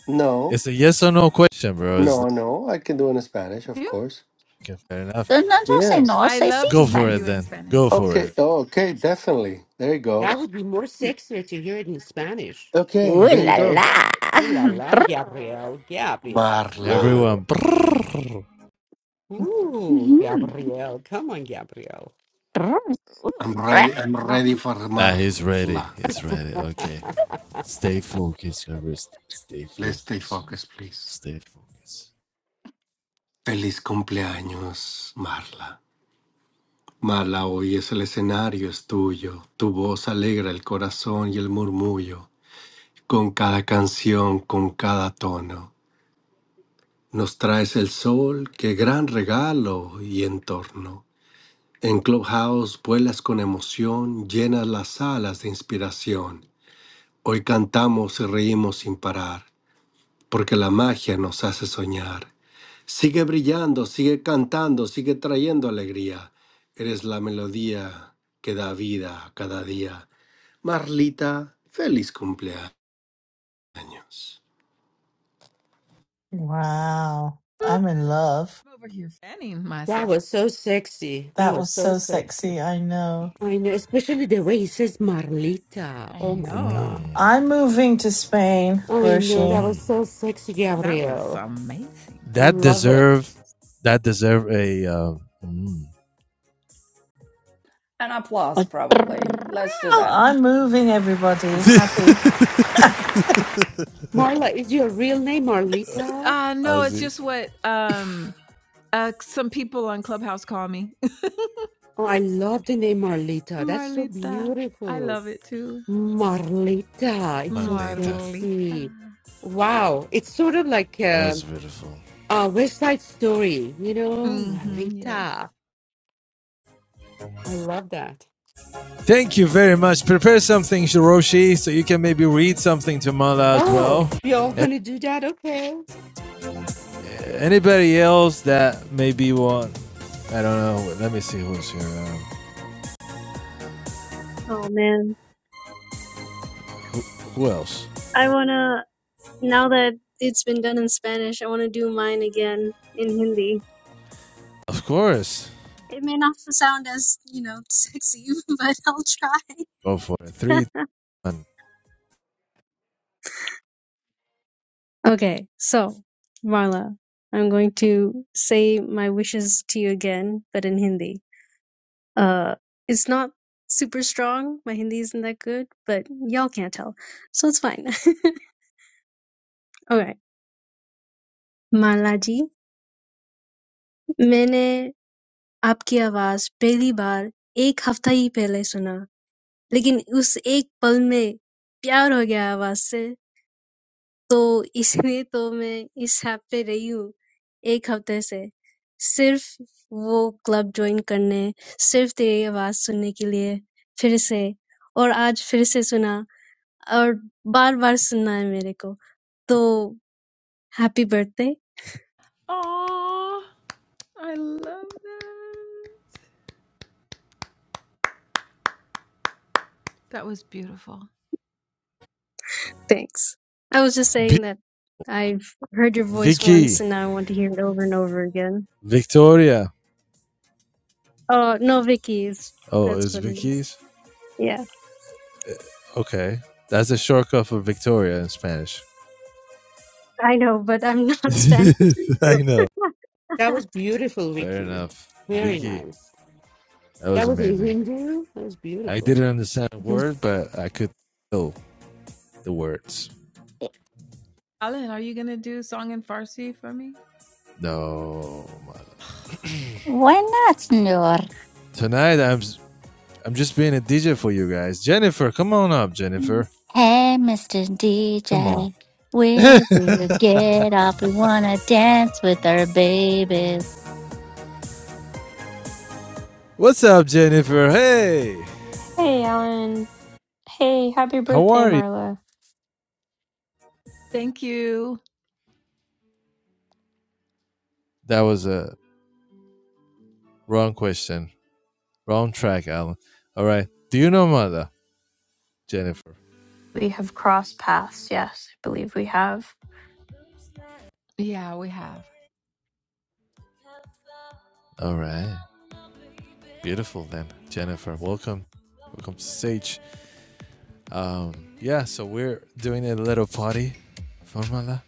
S14: No.
S1: It's a yes or no question, bro. It's
S14: No, no. I can do it in Spanish, of
S4: You?
S14: course.
S1: okay, fair enough.
S16: Don't Entonces se
S14: Yes.
S16: no
S4: I
S16: se
S4: love
S1: Go
S4: to hear
S1: for
S16: cifran.
S1: it
S4: you in
S1: then. Go
S4: Spanish.
S1: for
S14: Okay.
S4: Yes.
S1: it,
S14: Oh, okay, definitely. There you go.
S15: That would be more sexier to hear it in Spanish.
S14: Okay, there you go.
S16: La.
S15: Ooh la la, Gabrielle, Gabrielle.
S14: Marla.
S15: Ooh,
S1: everyone. brrr.
S15: ooh,
S16: Ujú.
S15: Gabrielle. Come on, Gabrielle.
S14: I'm ready I'm ready for
S1: Ah, he's ready.
S14: Marla.
S1: He's ready. Okay, stay focused, Everest. Stay
S14: Let's stay
S1: focused.
S14: focused, please.
S1: Stay focused.
S14: Feliz cumpleaños, Marla. Marla, hoy es el escenario, es tuyo. Tu voz alegra el corazón y el murmullo. Con cada canción, con cada tono. Nos traes el sol, qué gran regalo y entorno. En Clubhouse vuelas con emoción, llenas las salas de inspiración. Hoy cantamos y reímos sin parar, porque la magia nos hace soñar. Sigue brillando, sigue cantando, sigue trayendo alegría. Eres la melodía que da vida a cada día. Marlita, feliz cumpleaños.
S2: Wow.
S4: I'm
S2: I'm in love.
S4: over here fanning myself.
S15: That was so sexy. That
S2: That
S15: was
S2: was
S15: so
S2: so
S15: sexy.
S2: sexy. I know.
S15: I know, especially the way he says Marlita.
S4: I
S15: Oh my God.
S4: know.
S2: I'm moving to Spain,
S15: I know that
S2: Roshi.
S15: was so sexy,
S4: That was
S15: Gabrielle.
S4: amazing.
S1: That
S15: Love it.
S1: deserve that deserve a um,
S5: An applause, probably. Let's do that.
S2: I'm moving, everybody. Happy.
S15: Marla, is your real name Marlita?
S4: Uh no, it's
S1: Ozzy.
S4: just what um uh some people on Clubhouse call me.
S15: Oh, I love the name Marlita. That's so
S4: Marlita. I
S15: beautiful.
S4: love it too.
S15: Marlita. It's so
S1: Marleta.
S4: Marlita.
S15: sexy. Wow. It's sort of like
S1: That
S15: a
S1: was beautiful.
S15: a West Side Story, you know?
S4: Mm-hmm. Yes.
S15: Marlita. I love that.
S1: Thank you very much. Prepare something, Shiroshi, so you can maybe read something to Mala as well.
S15: Oh, we all
S1: And
S15: going to do that? Okay.
S1: anybody else that maybe want, I don't know. Let me see who's here. Um,
S17: Oh man.
S1: who else?
S17: I wanna, now that it's been done in Spanish, I wanna do mine again in Hindi.
S1: Of course.
S17: It may not sound as, you know, sexy, but I'll
S1: Go for it. Three,
S17: try.
S1: two, one.
S17: okay, so Marla, I'm going to say my wishes to you again, but in Hindi. Uh, It's not super strong. My Hindi isn't that good, but y'all can't tell, so it's fine. Okay, Malaji, I heard your voice for the first time a week ago. But in that one moment, love came to my voice. So that's why I'm here at this club for a week. Just to join the club, just to hear your voice again. And I heard it again today. और बार बार सुनना है मेरे को तो happy birthday
S4: Oh, I love that. That was beautiful.
S17: Thanks I was just
S1: B-
S17: saying that I've heard your voice once
S1: Vicky,
S17: and now I want to hear it over and over again.
S1: Victoria.
S17: Oh, no, Vicky's.
S1: Oh,
S17: That's
S1: it's
S17: what it is.
S1: Vicky's?
S17: Yeah,
S1: Okay, that's a shortcut for Victoria in Spanish.
S17: I know, but I'm not Spanish.
S1: I know.
S15: That was beautiful,
S1: Fair
S15: Vicky.
S1: enough.
S15: Very
S1: Vicky,
S15: nice.
S1: that
S15: That
S1: was
S15: was a
S1: amazing.
S15: Hindu. That was
S1: I
S15: beautiful.
S1: didn't understand a word, but I could feel the words.
S4: Alan, are you going to do song in Farsi for me?
S1: No.
S16: Why not, senor?
S1: Tonight I'm I'm just being a DJ for you guys. Jennifer, come on up, Jennifer.
S16: Hey, Mr.
S1: Come on.
S16: DJ, where do you get off? We wanna dance with our baby.
S1: What's up, Jennifer? Hey.
S18: Hey, Alan. Hey, happy
S1: How
S18: birthday,
S1: are you?
S18: Marla.
S4: Thank you.
S1: That was a wrong question. Wrong track, Alan. All right. Do you know mother? Jennifer.
S18: We have crossed paths. Yes, I believe we have.
S4: Yeah, we have.
S1: All right. Beautiful then. Jennifer, welcome. Welcome to stage. Um yeah, so we're doing a little party for mother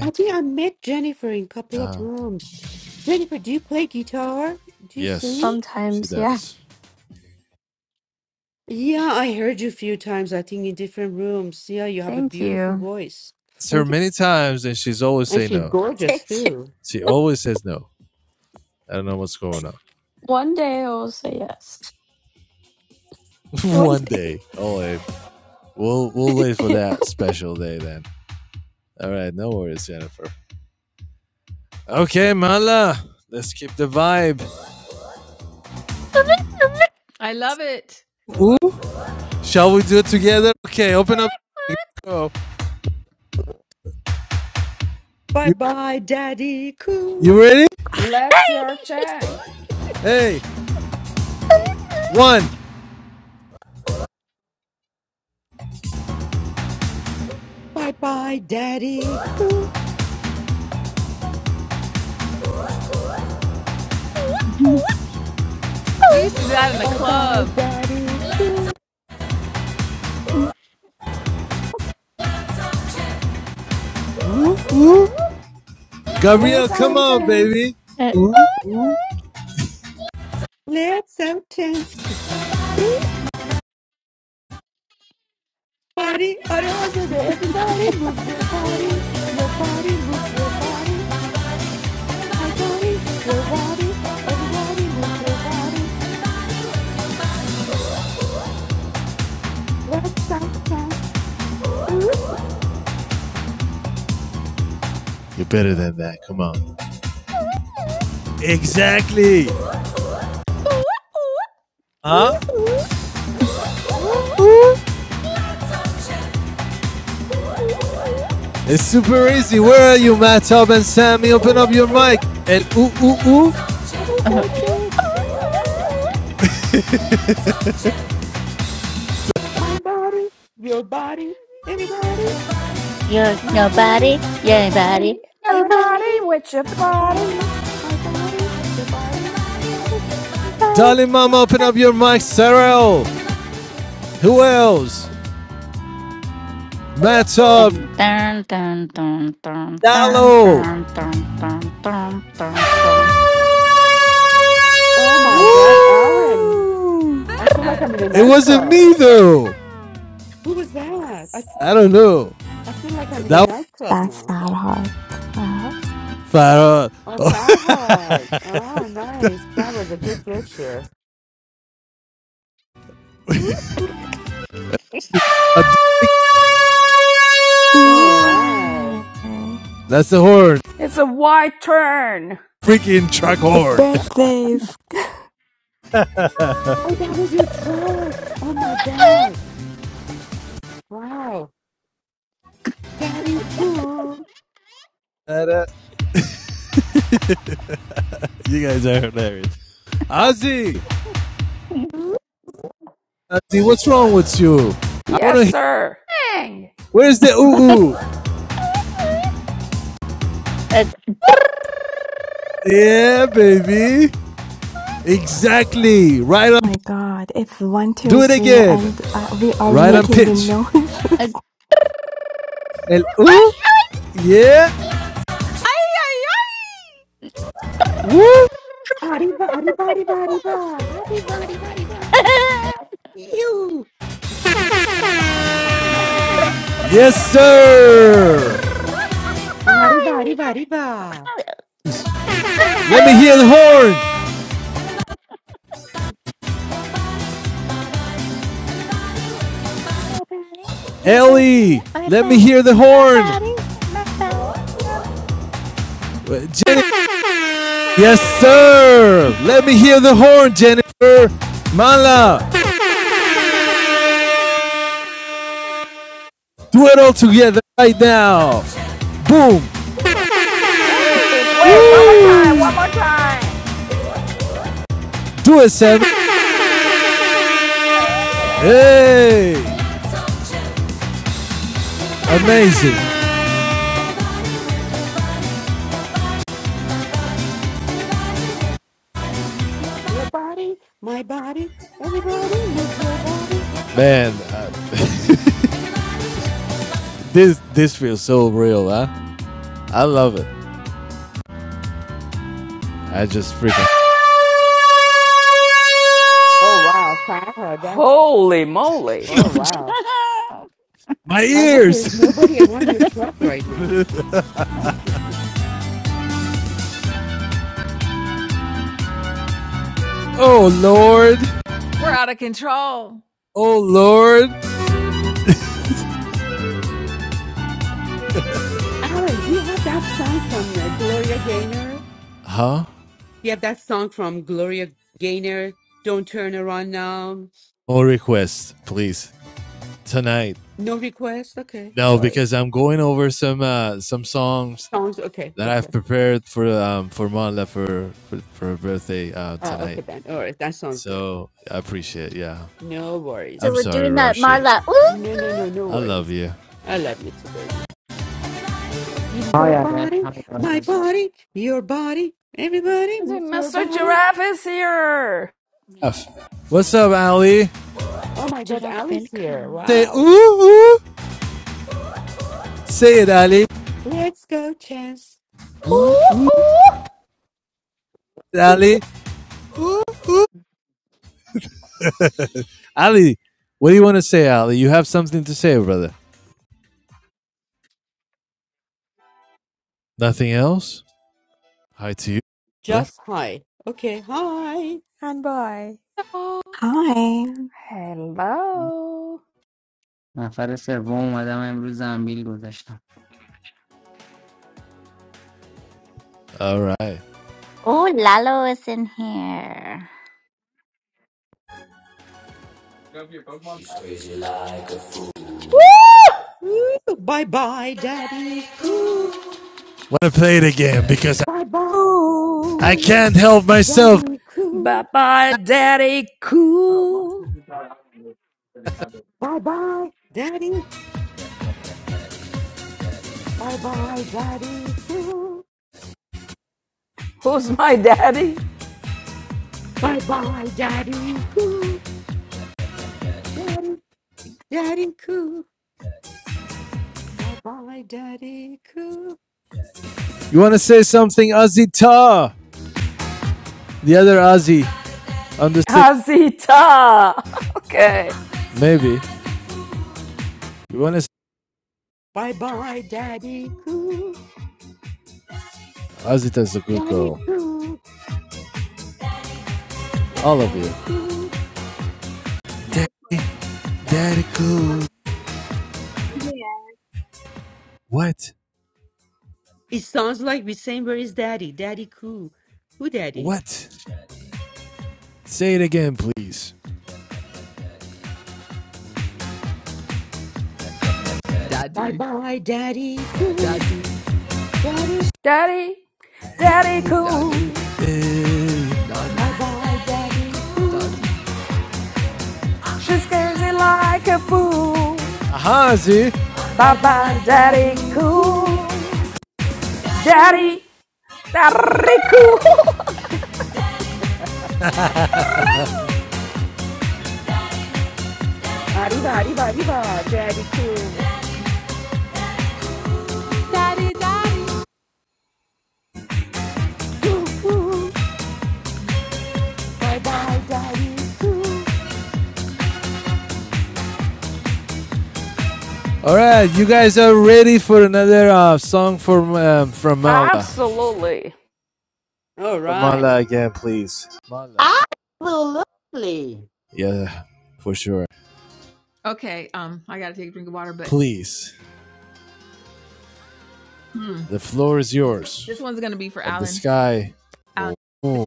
S15: I think I met Jennifer in a couple of
S1: Uh,
S15: rooms. Jennifer, do you play guitar? Do you sing?
S1: Yes, she
S18: Sometimes, yeah.
S1: does.
S15: Yeah, I heard you a few times, I think, in different rooms. Yeah, you have a
S18: Thank
S15: beautiful
S18: you.
S15: voice.
S1: It's her
S18: Thank you.
S1: many times, and she's always
S15: And
S1: say
S15: she's
S1: no.
S18: Thank
S15: gorgeous,
S18: you.
S15: too.
S1: She always says no. I don't know what's going on.
S18: One day I will say yes. One
S1: One day, oh, eh. We'll we'll wait
S18: day.
S1: for that special day then. All right, no worries, Jennifer. Okay, Mala, let's keep the vibe.
S4: I love it.
S1: Ooh, Shall we do it together? Okay, open up. Go.
S15: Bye
S1: you
S15: bye, Daddy Cool.
S1: you ready?
S5: Let's your chang.
S1: Hey, one,
S15: Bye bye, Daddy Cool.
S4: We used to do that in the
S15: Bye bye,
S4: club.
S15: Daddy Cool.
S1: two,
S5: Get
S1: Gabriel,
S15: Let's
S1: come
S5: some
S15: out
S1: on,
S5: chang.
S15: dance.
S1: baby.
S15: Let's out dance. Ooh, Body, oh, that was it. everybody moves your body. Your body moves your body. My body, your body, everybody moves your body. Let's start dance. Ooh,
S1: You're better than that. Come on. exactly.
S15: ooh,
S1: Huh?
S15: ooh.
S1: Ooh, It's super easy. Where are you, Matt and Sammy? Open up your mic. And ooh, ooh, ooh.
S15: Let's
S16: Uh-huh.
S15: start dance. My body, your body, everybody.
S16: You're
S15: My body,
S16: nobody, you
S15: your
S16: ain't
S15: body,
S16: body, nobody,
S5: Everybody
S15: everybody.
S5: with your
S15: Your body,
S5: body.
S15: my body, your body.
S1: Darling Mama, open up your mic. Sarah. Who else? Matt Top.
S16: nobody. Dun, dun, dun, dun, dun, dun,
S1: Dallo.
S16: dun, dun, dun, dun, dun, dun.
S15: Oh my
S1: Woo.
S15: God, Alan! I feel like
S4: That.
S15: I'm in a
S1: It wasn't
S15: nightclub.
S1: me, though.
S15: Who was that? I, f-
S1: I don't know.
S15: I feel like I'm in a
S1: That was
S15: nightclub now.
S1: Farah.
S15: Oh, Farhad. Oh, nice. That was a good gesture.
S1: Uh,
S15: All right.
S1: That's the horn.
S5: It's a wide turn.
S1: Freaking truck horn.
S15: Oh, that was your truck. Oh my God. Wow. Daddy cool.
S1: you guys are hilarious. Ozzy.
S15: Ooh,
S1: Ozzy, what's wrong with you? I want to
S5: Yes,
S1: hear.
S5: sir. Dang.
S1: Where's the ooh, ooh?
S16: It's
S1: Yeah, baby. Exactly. Right on. Do it again. Right on
S16: it's
S1: pitch. El ooh. Yeah. Woo.
S15: Arriba, arriba, arriba, arriba. Arriba, arriba, arriba. You.
S1: Yes, sir.
S15: Arriba, arriba, arriba.
S1: Let me hear the horn.
S16: Nobody, nobody,
S1: Ellie.
S16: my
S1: Let me
S16: body,
S1: hear the horn. Uh,
S16: nobody, my
S1: Jennifer. Yes, sir. Let me hear the horn, Jennifer. Mala. Do it all together right now. Boom.
S5: Wait, wait, one more time,
S1: Woo.
S5: one more time.
S1: Do it, Sammy. Hey. Amazing.
S15: Your body, my body, everybody moves your body.
S1: Man, uh, this this feels so real, huh? I love it. I just freaking
S15: Oh wow, power. That's
S5: Holy moly.
S15: oh wow.
S16: body.
S1: My
S15: I hope there's
S1: ears.
S15: nobody around your truck right now.
S1: oh Lord.
S4: We're out of control.
S1: Oh Lord.
S15: Alan, do you have that song from uh, Gloria Gaynor? Do
S1: huh?
S15: you have that song from Gloria Gaynor? Don't turn around now.
S1: Or request, please tonight.
S15: No request? Okay,
S1: No,
S15: sorry.
S1: because I'm going over some uh, some songs
S15: Sounds okay,
S1: that
S15: okay.
S1: I've prepared for um, for Monla for, for for her birthday uh,
S15: Uh,
S1: tonight.
S15: okay then. All right, that sounds good.
S1: So I appreciate. it, Yeah,
S15: No
S16: so
S1: I'm
S15: worries.
S16: we're
S1: sorry,
S16: doing that
S1: Rashi.
S16: Marla. Ooh,
S15: No, no,
S16: ooh.
S15: no, no
S1: I love
S15: worries.
S1: you.
S15: I love you too, baby. Use
S19: های
S15: your
S19: عدد
S15: body,
S19: های
S15: my
S19: عدد
S15: body, your body. Everybody
S5: I
S15: move
S5: think
S15: your
S5: Mr.
S15: body.
S5: Giraffe is here.
S1: What's up, Ali?
S15: Oh my God, Ali's here.
S1: Say
S15: Wow.
S1: ooh, ooh. Say it, Ali.
S15: Let's go, Chance.
S5: Ooh, ooh.
S1: Ali. Ali, what do you want to say, Ali? You have something to say, brother. Nothing else? Hi to you, brother.
S15: Just hi. Okay, hi.
S13: And bye.
S4: Oh,
S5: Hello.
S19: نفر سوم اومدم امروز زنبیل گذاشتم
S1: All right.
S16: Oh, Lalo is in here.
S15: Ooh, bye bye, daddy. Ooh,
S1: Want to play it again because
S15: bye bye,
S5: Woo!
S1: I
S5: Ooh.
S1: can't help myself.
S15: daddy.
S5: Bye
S15: Ooh,
S5: bye, Daddy Cool.
S15: bye bye, daddy. Bye bye, daddy. Ooh,
S5: Who's my daddy?
S15: bye bye, daddy. Ooh, daddy, daddy. Ooh, bye bye, daddy. Ooh,
S1: You want to say something, Ozzy Ta? The other Ozzy on the stage.
S5: Azita. Okay.
S1: Maybe. You want to say,
S15: bye bye, daddy. Ooh,
S1: Ozzy Ta's a good
S15: daddy.
S1: girl.
S15: Ooh,
S1: All of you.
S15: daddy. Ooh.
S1: That Daddy cool.
S20: Yeah.
S1: What?
S15: It sounds like we saying, Where is daddy? Daddy. Ooh. Who daddy?
S1: What? Say it again, please.
S15: Bye bye, daddy. Ooh, daddy.
S5: Daddy, daddy cool.
S1: Eh,
S15: Bye bye, Daddy Cool.
S5: She scares it like a fool.
S1: Aha, Ozzy.
S5: Bye
S15: Bye
S5: bye,
S15: bye,
S5: daddy
S15: Daddy Cool.
S5: cool.
S15: Daddy,
S5: Daddy, daddy cool.
S15: arriba, arriba, arriba, Daddy Cool.
S4: Daddy, daddy.
S15: Cool, cool. Bye bye, Daddy Cool.
S1: All right, you guys are ready for another uh, song from um, from Mala.
S5: Absolutely.
S15: All
S1: From
S15: right.
S1: Mala again, please. Mala.
S19: Absolutely.
S1: Yeah, for sure.
S4: Okay, um, I gotta take a drink of water, but
S1: Please,
S4: mm,
S1: the floor is
S4: this
S1: yours
S4: one's gonna be for
S1: and the
S4: Alan.
S1: sky.
S4: Alan,
S1: Oh, oh,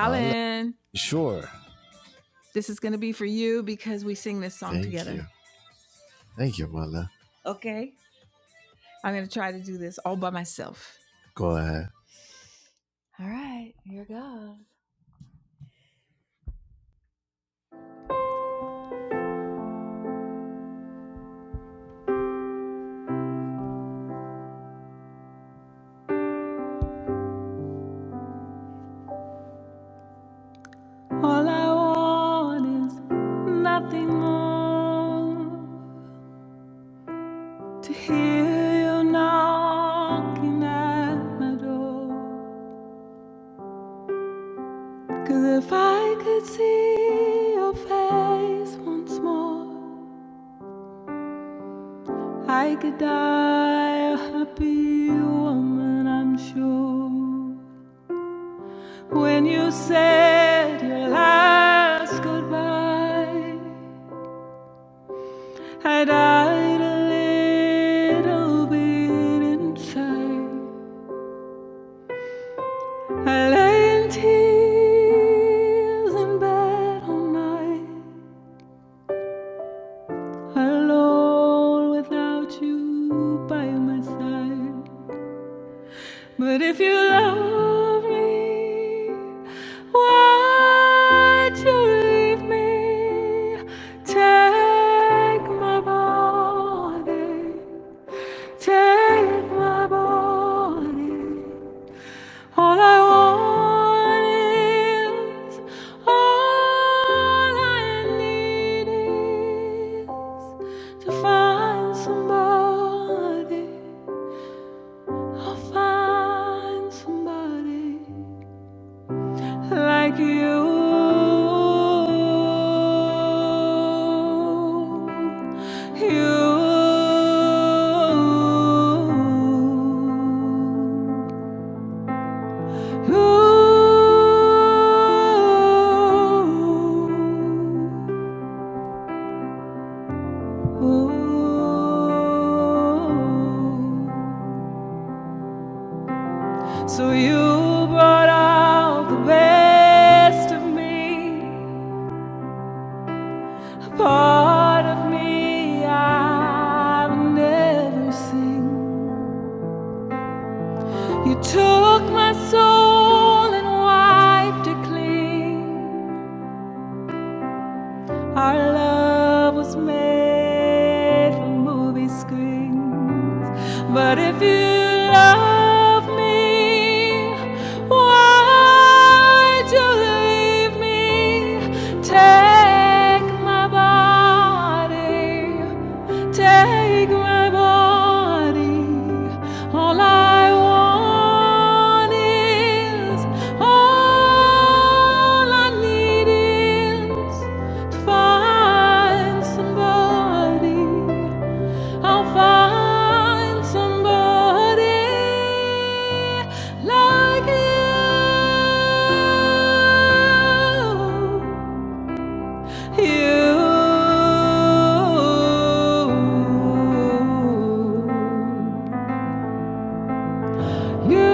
S1: Mala. Sure.
S4: This is going to be for you because we sing this song
S1: Thank you.
S4: together.
S1: Thank you, Mala.
S4: Okay. I'm going to try to do this all by myself.
S1: Go ahead.
S4: All right. Here goes. All I want is nothing more to hear you knocking at my door. 'Cause if I could see your face once more, I could die a happy woman, I'm sure. You say Your last goodbye, I died a little bit inside. I lay in tears in bed all night, alone without you by my side. But if you love me, why'd you leave me? Take my body. Take my body. All I want is, all I need is to find somebody. I'll find somebody like you. You. Ooh. ooh. So you brought out the best of me, a part of me I've never seen. You took my soul and wiped it clean. Our love was made for movie screens. But if you love me, why'd you leave me? Take my body, take my body. All I want is, all I need is. Find somebody. I'll find somebody like you. You. You.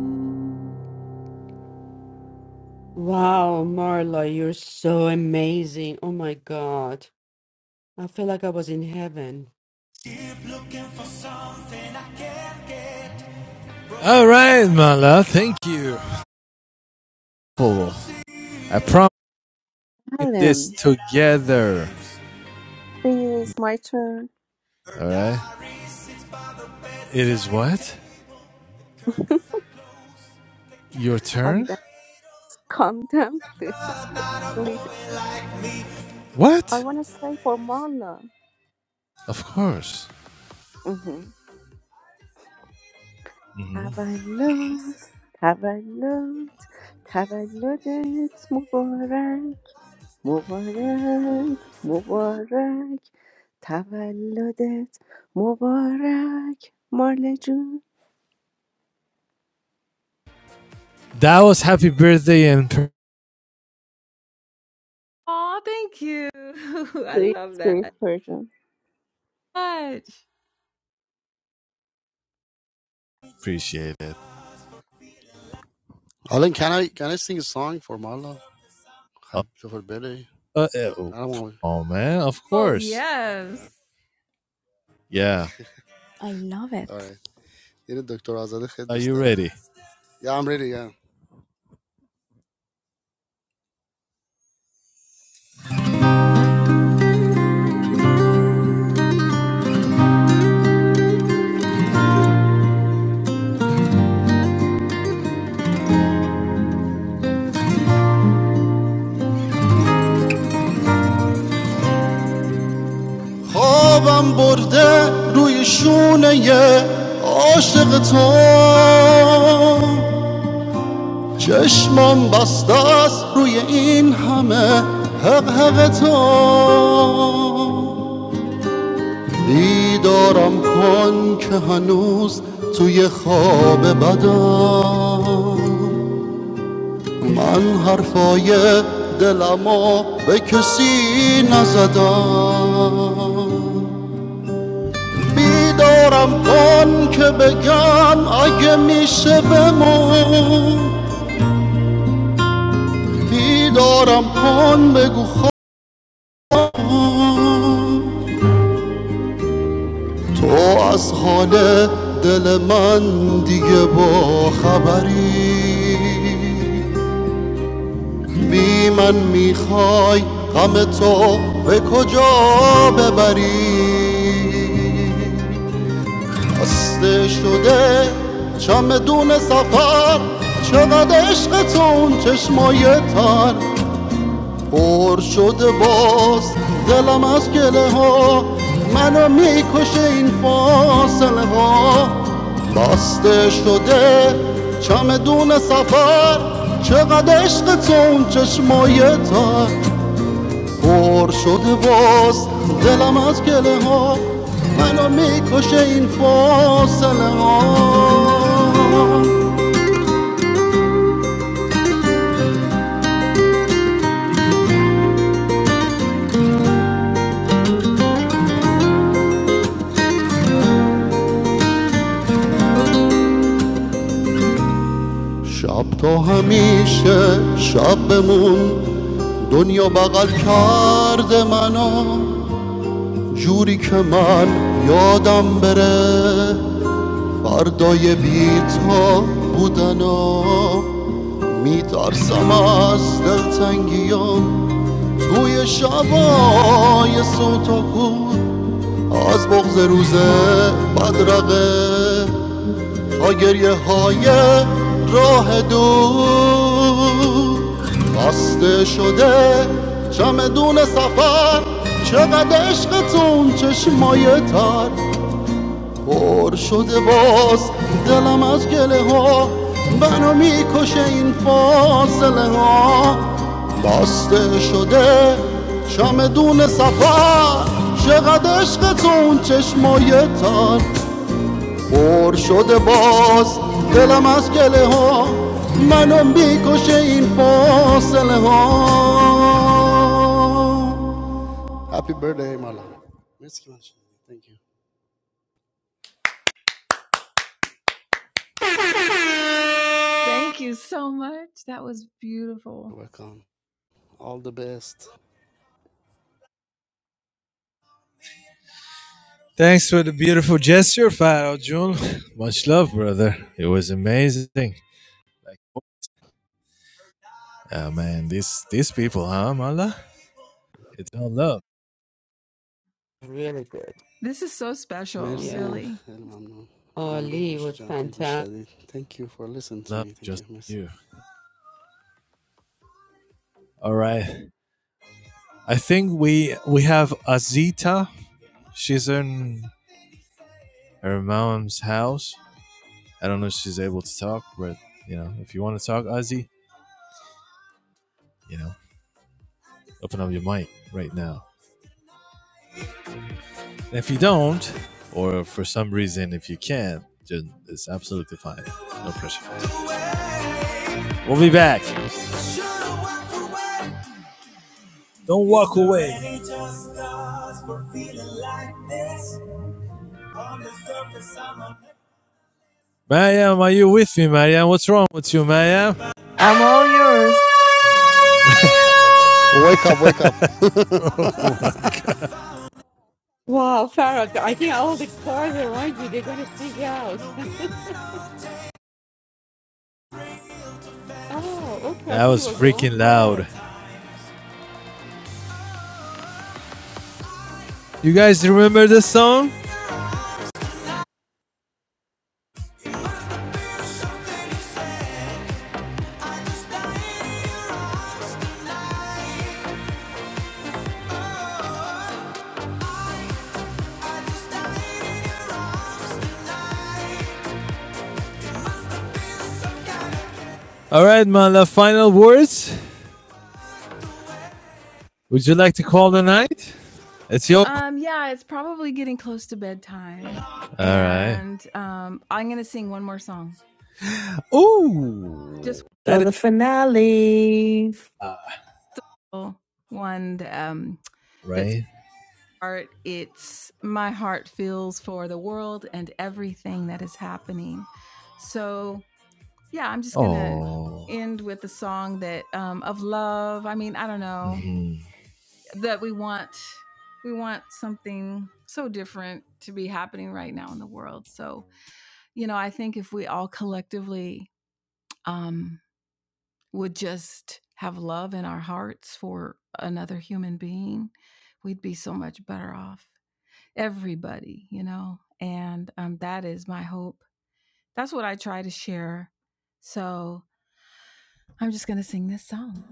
S4: You.
S15: Wow, Marla, you're so amazing. Oh my God. I feel like I was in heaven.
S1: All right, Mala. Thank you. Oh, I promise this
S21: Alan,
S1: together.
S21: please, my turn.
S1: All right. It is what? Your
S21: Calm
S1: turn?
S21: down, calm down, please. Please, I
S1: What?
S21: want to say for Marla.
S1: Of course.
S21: Mm-hmm. تولد تولد تولدت مبارک مبارک مبارک تولدت مبارک مارلا جون
S1: That was happy birthday and pr-
S4: Aw, thank you. I
S21: sweet
S4: love that
S21: sweet version.
S4: much.
S1: appreciate it.
S10: Alan can I can I sing a song for Marla
S1: Uh,
S10: Happy for birthday
S1: uh,
S10: I
S1: oh,
S10: don't
S1: come
S10: want to.
S1: on, man. Of
S4: Oh,
S1: course.
S4: yes.
S10: yeah
S1: Yeah.
S10: all right یه دکتر آزاده خیلی
S1: Are
S10: دوست
S1: you
S10: داره
S1: ready?
S10: yeah I'm ready yeah خوابم برده روی شونه عاشق تو چشمم بسته است روی این همه حق حق تو بیدارم کن که هنوز توی خواب بدم من حرفای دلمو به کسی نزدم بیدارم کن که بگم اگه میشه بمون بیدارم کن بگو خواب تو از حال دل من دیگه با خبری بی من میخوای غم تو به کجا ببری خسته شده چمدون سفر چقدر عشقتون چشمای تر پر شده باز دلم از گله ها منو میکشه این فاصله ها بسته شده چمدون سفر چقدر عشقتون چشمای تر پر شده باز دلم از گله ها منو میکشه این فاصله ها شب تا همیشه شب بمون دنیا بغل کرده منو جوری که من یادم بره فردای بیتا بودنا میترسم از دلتنگیام توی شبای سوت و کور از بغز روز بدرقه تا گریه های راه دور بسته شده چمدون سفر چقدر عشقتون چشمای تر پر شده باز دلم از گله ها منو میکشه این فاصله ها بسته شده چمدون سفر چقدر عشق تو اون چشمای تر پر شده باز دلم از گله ها منو میکشه این فاصله ها Happy birthday, Mala. Mersi ki Thank you.
S4: Thank you so much. That was beautiful.
S10: You're welcome. All the best.
S1: Thanks for the beautiful gesture, Faro Jun. Much love, brother. It was amazing. Like, oh, man, these these people, huh, Mala? It's all love.
S15: Really good.
S4: This is so special,
S15: Yeah.
S10: مرسی
S4: really.
S10: خیلی ممنون
S15: Oh,
S10: ممنون
S15: Lee
S10: گوش
S15: was
S10: جان که گوش
S15: fantastic.
S10: دادید Thank you for listening to
S1: Love
S10: me Thank
S1: just
S10: you مرسی
S1: you. All right. I think we we have Azita. She's in her mom's house. I don't know if she's able to talk, but you know, if you want to talk, Ozzy, you know, open up your mic right now. And if you don't, or for some reason if you can't, then it's absolutely fine. No pressure. We'll be back. Don't walk away. Mariam, are you with me, Mariam? What's wrong with you, Mariam?
S2: I'm all yours.
S10: Wake up wake up
S15: Wow, Farah, I think all the cars around you, they're going to freak out. Oh, okay. I
S1: That
S15: thought it
S1: was
S15: was your own
S1: freaking
S15: car.
S1: loud. You guys remember this song? All right, man. final words. Would you like to call the night? It's your. c-
S4: Um, yeah, it's probably getting close to bedtime.
S1: All right.
S4: And um, I'm going to sing one more song. Just
S1: Ooh,
S4: one
S1: that
S2: So
S1: is
S2: the finale.
S4: more one um, that's
S1: Right.
S4: art. It's My Heart Feels for the World and Everything That Is Happening. So Yeah, I'm just gonna
S1: Oh.
S4: end with the song that um, of love. I mean, I don't know that we want we want something so different to be happening right now in the world. So you know, I think if we all collectively um, would just have love in our hearts for another human being, we'd be so much better off. Everybody, you know, and um, that is my hope. That's what I try to share. So I'm just gonna sing this song.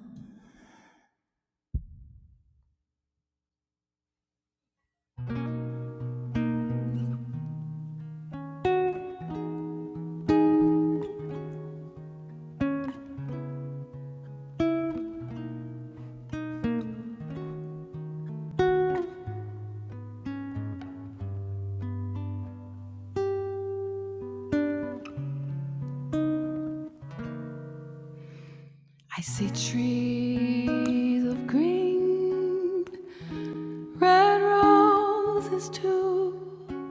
S4: I see trees of green, red roses too.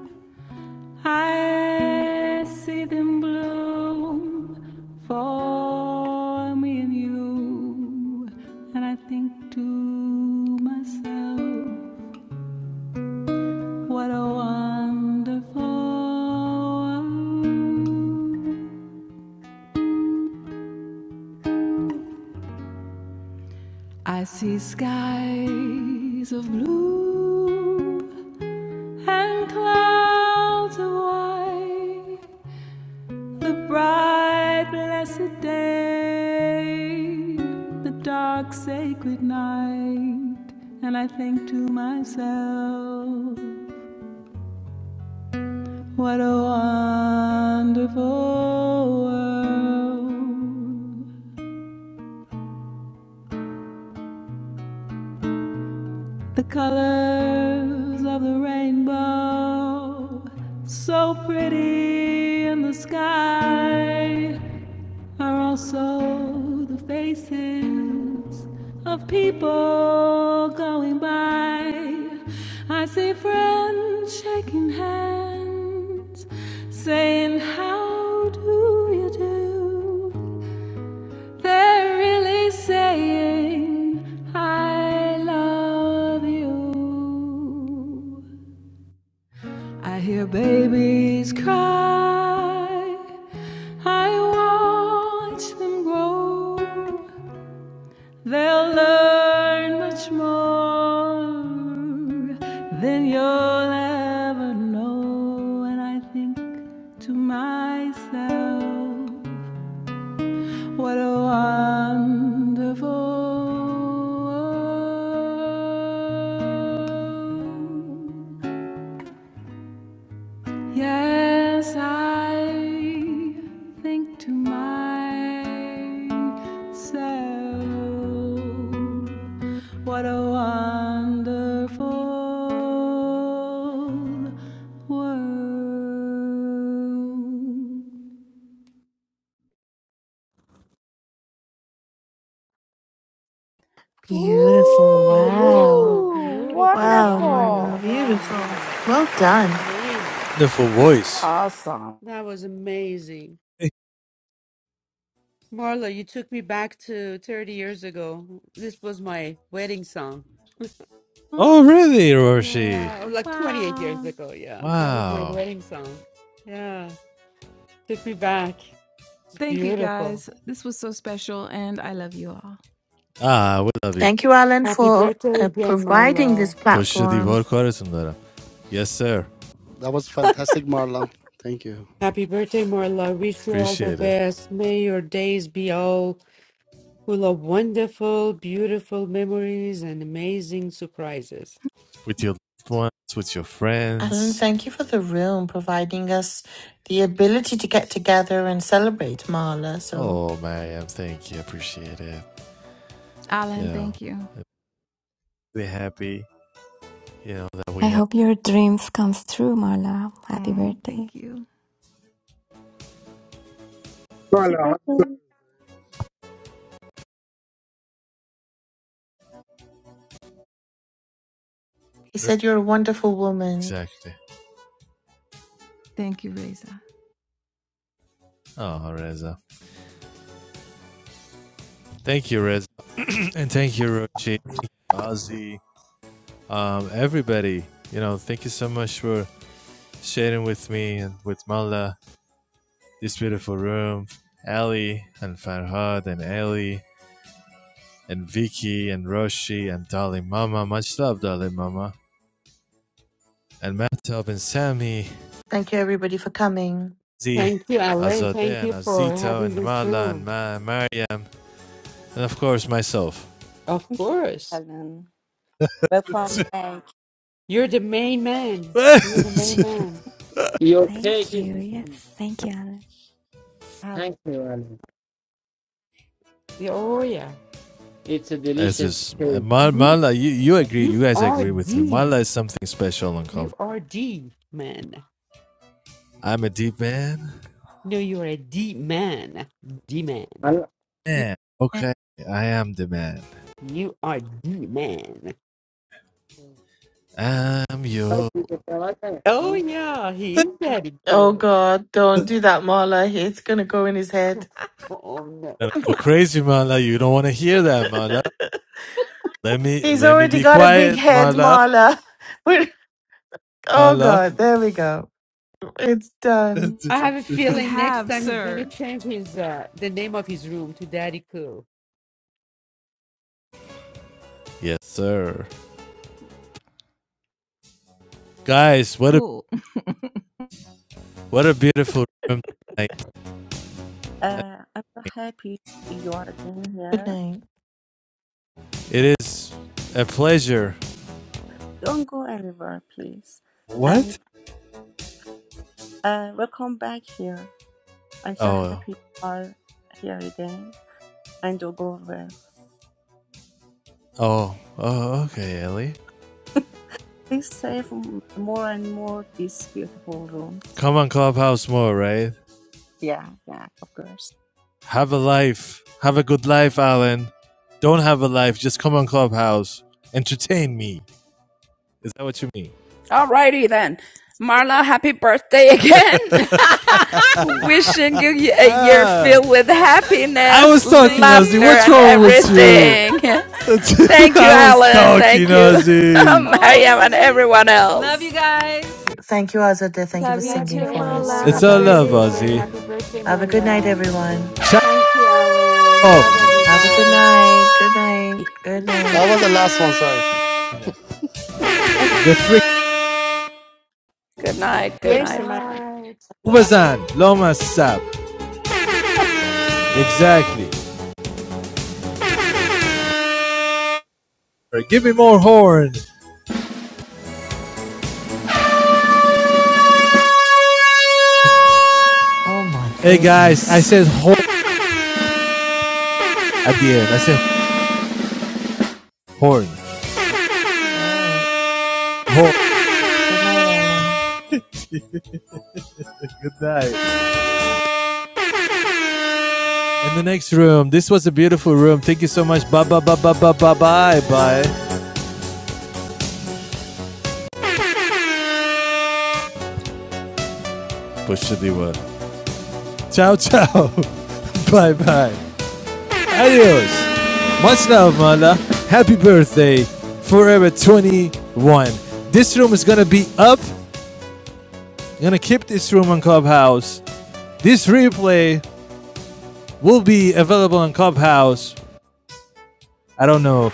S4: I see them bloom for me and you. And I think to myself, what a wonderful world. I see skies of blue and clouds of white, the bright blessed day, the dark sacred night, and I think to myself, what a wonderful world. The colors of the rainbow, so pretty in the sky, are also the faces of people going by. I see friends shaking hands, saying, How do you do? They're really saying, I love you. I hear babies cry. I watch them grow. They'll learn much more than you'll ever know. And I think to myself, what a wonderful world. Yes, I think to myself. What a wonderful world.
S5: Woohoo!
S2: Beautiful. Wow.
S15: Beautiful, beautiful.
S2: Wow,
S15: Wow,
S2: Marna,
S5: Wonderful.
S15: Huh? wow,
S2: beautiful.
S15: Marla.
S2: Well
S15: That was
S2: done.
S15: amazing.
S1: wonderful voice.
S5: Awesome.
S15: That was amazing. Marla, you took me back to 30 years ago. This was my wedding song.
S4: Oh,
S1: Oh, really, Roshi?
S15: Yeah, or like 28 years
S4: wow.
S15: ago. Yeah, that was my
S1: Wow.
S15: wedding song. Yeah, took me back. It's
S4: Thank you
S15: beautiful.
S4: guys. This was so special, and I love you all.
S1: Ah, we love it.
S2: Thank you, Alan,
S15: Happy
S2: for
S15: birthday
S2: uh,
S15: again,
S2: providing this
S15: Marla.
S1: پشت
S2: platform.
S1: دیوار کارتون دارم. Yes, sir.
S10: That was fantastic Marlon Thank you
S15: Happy birthday, Marla. Wish you all the
S1: Appreciate it.
S15: best. May your days be all full of wonderful, beautiful memories and amazing surprises.
S1: With
S4: Mm.
S1: your loved ones, with your
S2: Alan,
S1: friends.
S2: thank you for the room, providing us the ability to get together and celebrate Marla. So
S1: Oh, Mariam, thank you. Appreciate it. You
S4: Alan,
S1: know,
S4: thank you.
S1: be happy, you know, that we have
S4: Mm, thank you.
S17: Happy
S22: Carla,
S17: birthday.
S2: he said you're a wonderful woman.
S1: Exactly.
S4: Thank you, Reza.
S1: Oh, Reza. Thank you, Reza. and thank you, Rochi, Ozzy, um, everybody. You know, thank you so much for sharing with me and with Mala this beautiful room. Ali and Farhad and Ali and Vicky and Roshi and Dali Mama. Much love, Dali Mama. And Matab and Sammy,
S2: Thank you, everybody, for coming.
S1: Z,
S15: Thank you, Alain. Thank
S1: Azadeh and
S15: you for
S1: Azito
S15: having
S1: and
S15: this
S1: Mala and
S15: room.
S1: Ma- Mariam. And of course, myself.
S15: Of
S21: Thank you,
S15: course.
S21: Alan. Welcome back,
S15: You're the main man. You're the main man.
S19: Your cake is thank you Ali.
S15: Yeah, Oh, yeah.
S19: It's a
S1: It's
S19: delicious
S1: just uh,
S19: cake.
S1: Mar-
S15: You,
S1: Marla. You, you agree?
S15: you
S1: You guys
S15: are
S1: agree with me?
S15: the,
S1: Marla is something special on cover.
S15: you are the man.
S1: I'm a deep man.
S15: No, you are a D man. D man.
S19: I
S4: You
S1: Man, okay, I am the man.
S15: You are the man.
S1: I'm you.
S19: like it. I like
S15: Oh, yeah. He
S1: Gotta
S15: is that
S2: Oh,
S15: too.
S2: God, don't do that, Marla. It's going to go in his head.
S15: Oh, no.
S1: Go oh, crazy, Marla. You don't want to hear that, Marla. Let me
S2: He's
S1: let me
S2: already
S1: be
S2: got a big
S1: quiet,
S2: head,
S1: Marla.
S2: Marla. We're- oh,
S1: Marla.
S2: God, there we go. It's done.
S15: I have a
S4: already
S15: feeling next
S4: have,
S15: time he's gonna
S4: sir.
S15: change his uh the name of his room to Daddy Cool.
S1: Yes, sir. Guys, what a
S4: Cool.
S1: what a beautiful room tonight.
S21: Uh, I'm so happy you are again
S2: Good
S21: here.
S2: night.
S1: It is a pleasure.
S21: Don't go anywhere, please.
S1: What?
S21: And uh, welcome back here. I'm so
S1: Oh,
S21: happy you are here again and don't go away.
S1: oh, oh. Okay, Ellie.
S21: Please save m- more and more these beautiful rooms.
S1: Come on, Clubhouse more, right?
S21: Yeah, yeah, of course.
S1: Have a life. Have a good life, Alan. Don't have a life. Just come on Clubhouse. Entertain me. Is that what you mean?
S5: Alrighty then. Marla, happy birthday again. Wishing you a year
S1: Uh,
S5: filled with
S1: I
S5: happiness,
S1: was talking,
S4: Thank
S1: Ozzy.
S5: laughter,
S4: you.
S1: What's
S5: and
S1: wrong
S4: Ah.
S1: with you?
S5: everything. Thank you,
S1: I was
S5: Alan.
S1: talking,
S5: Thank you,
S1: Ozzy.
S5: Mariam, and
S4: OMG.
S5: everyone
S4: Love you
S5: else.
S4: guys.
S2: Thank you, Azadeh. Thank you for
S13: Love you
S15: Love
S2: singing
S15: you
S13: too,
S2: for us.
S13: Mala.
S1: It's
S15: everyone.
S13: Happy
S1: all
S2: Loving
S15: Love
S2: your
S15: you
S1: love,
S13: birthday
S2: voice.
S15: everyone.
S1: Ozzy.
S13: again.
S15: Happy birthday,
S2: Have a good night,
S15: Mola.
S2: everyone.
S15: Thank you, Alan.
S1: Oh,
S15: Love
S2: Have a good
S15: everyone.
S2: night. Good night. Good night.
S10: That was the last one sorry
S1: the
S6: Thank
S21: And
S1: freak
S5: Good night. Good
S15: Good
S21: merci,
S5: night,
S21: man.
S5: everyone.
S15: night.
S1: Ubazan, Loma Sap. Exactly. All right, give me more horn.
S2: Oh my
S1: Hey guys, I
S2: goodness.
S1: said horn
S6: you.
S1: at the end. I said horn.
S2: All right.
S1: Horn.
S2: Good night, Alan.
S19: it.
S1: Good night. In the next room. This was a beautiful room. Thank you so much. Bye bye bye bye bye bye bye bye. Puxa de word. Ciao ciao. bye bye. Adios. Much love, Mala. Happy birthday. Forever 21. This room is gonna be up. I'm gonna keep this room on Clubhouse. This replay will be available on Clubhouse. I don't know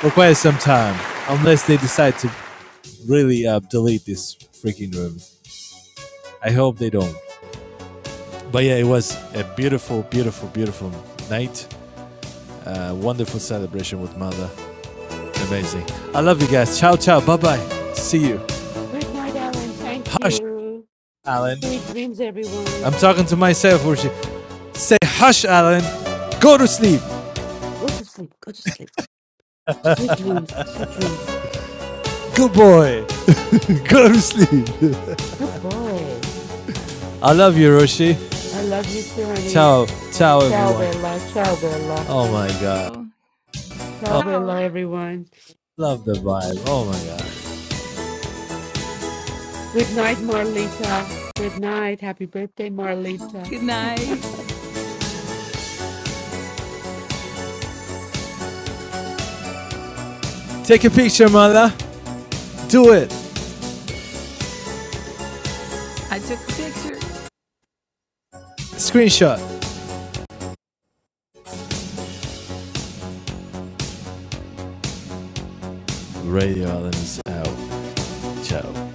S1: for quite some time, unless they decide to really uh, delete this freaking room. I hope they don't. But yeah, it was a beautiful, beautiful, beautiful night. A wonderful celebration with Mother. Amazing. I love you guys. Ciao, ciao. Bye bye. See you.
S15: Good night, Alan. Thank
S1: Hush,
S15: you.
S1: Alan.
S15: Sweet dreams, everyone.
S1: I'm talking to myself. Or say hush, Alan. Go to sleep.
S15: Go to sleep. Go to sleep. Sweet dreams, sweet dreams.
S1: Good boy. Go to sleep.
S15: Good boy.
S1: I love you, Roshi.
S15: I love you too, honey.
S1: Ciao, ciao,
S15: Ciao,
S1: everyone.
S15: Bella. Ciao, Bella.
S1: Oh my god.
S4: Oh,
S15: Ciao,
S4: ciao.
S15: Bella, everyone.
S1: Love the vibe. Oh my god.
S15: Good night, Marlita. Good night. Happy birthday, Marlita.
S4: Good night.
S1: Take a picture, Mother. Do it.
S4: I took a picture.
S1: Screenshot. Radio Alan is out. Ciao.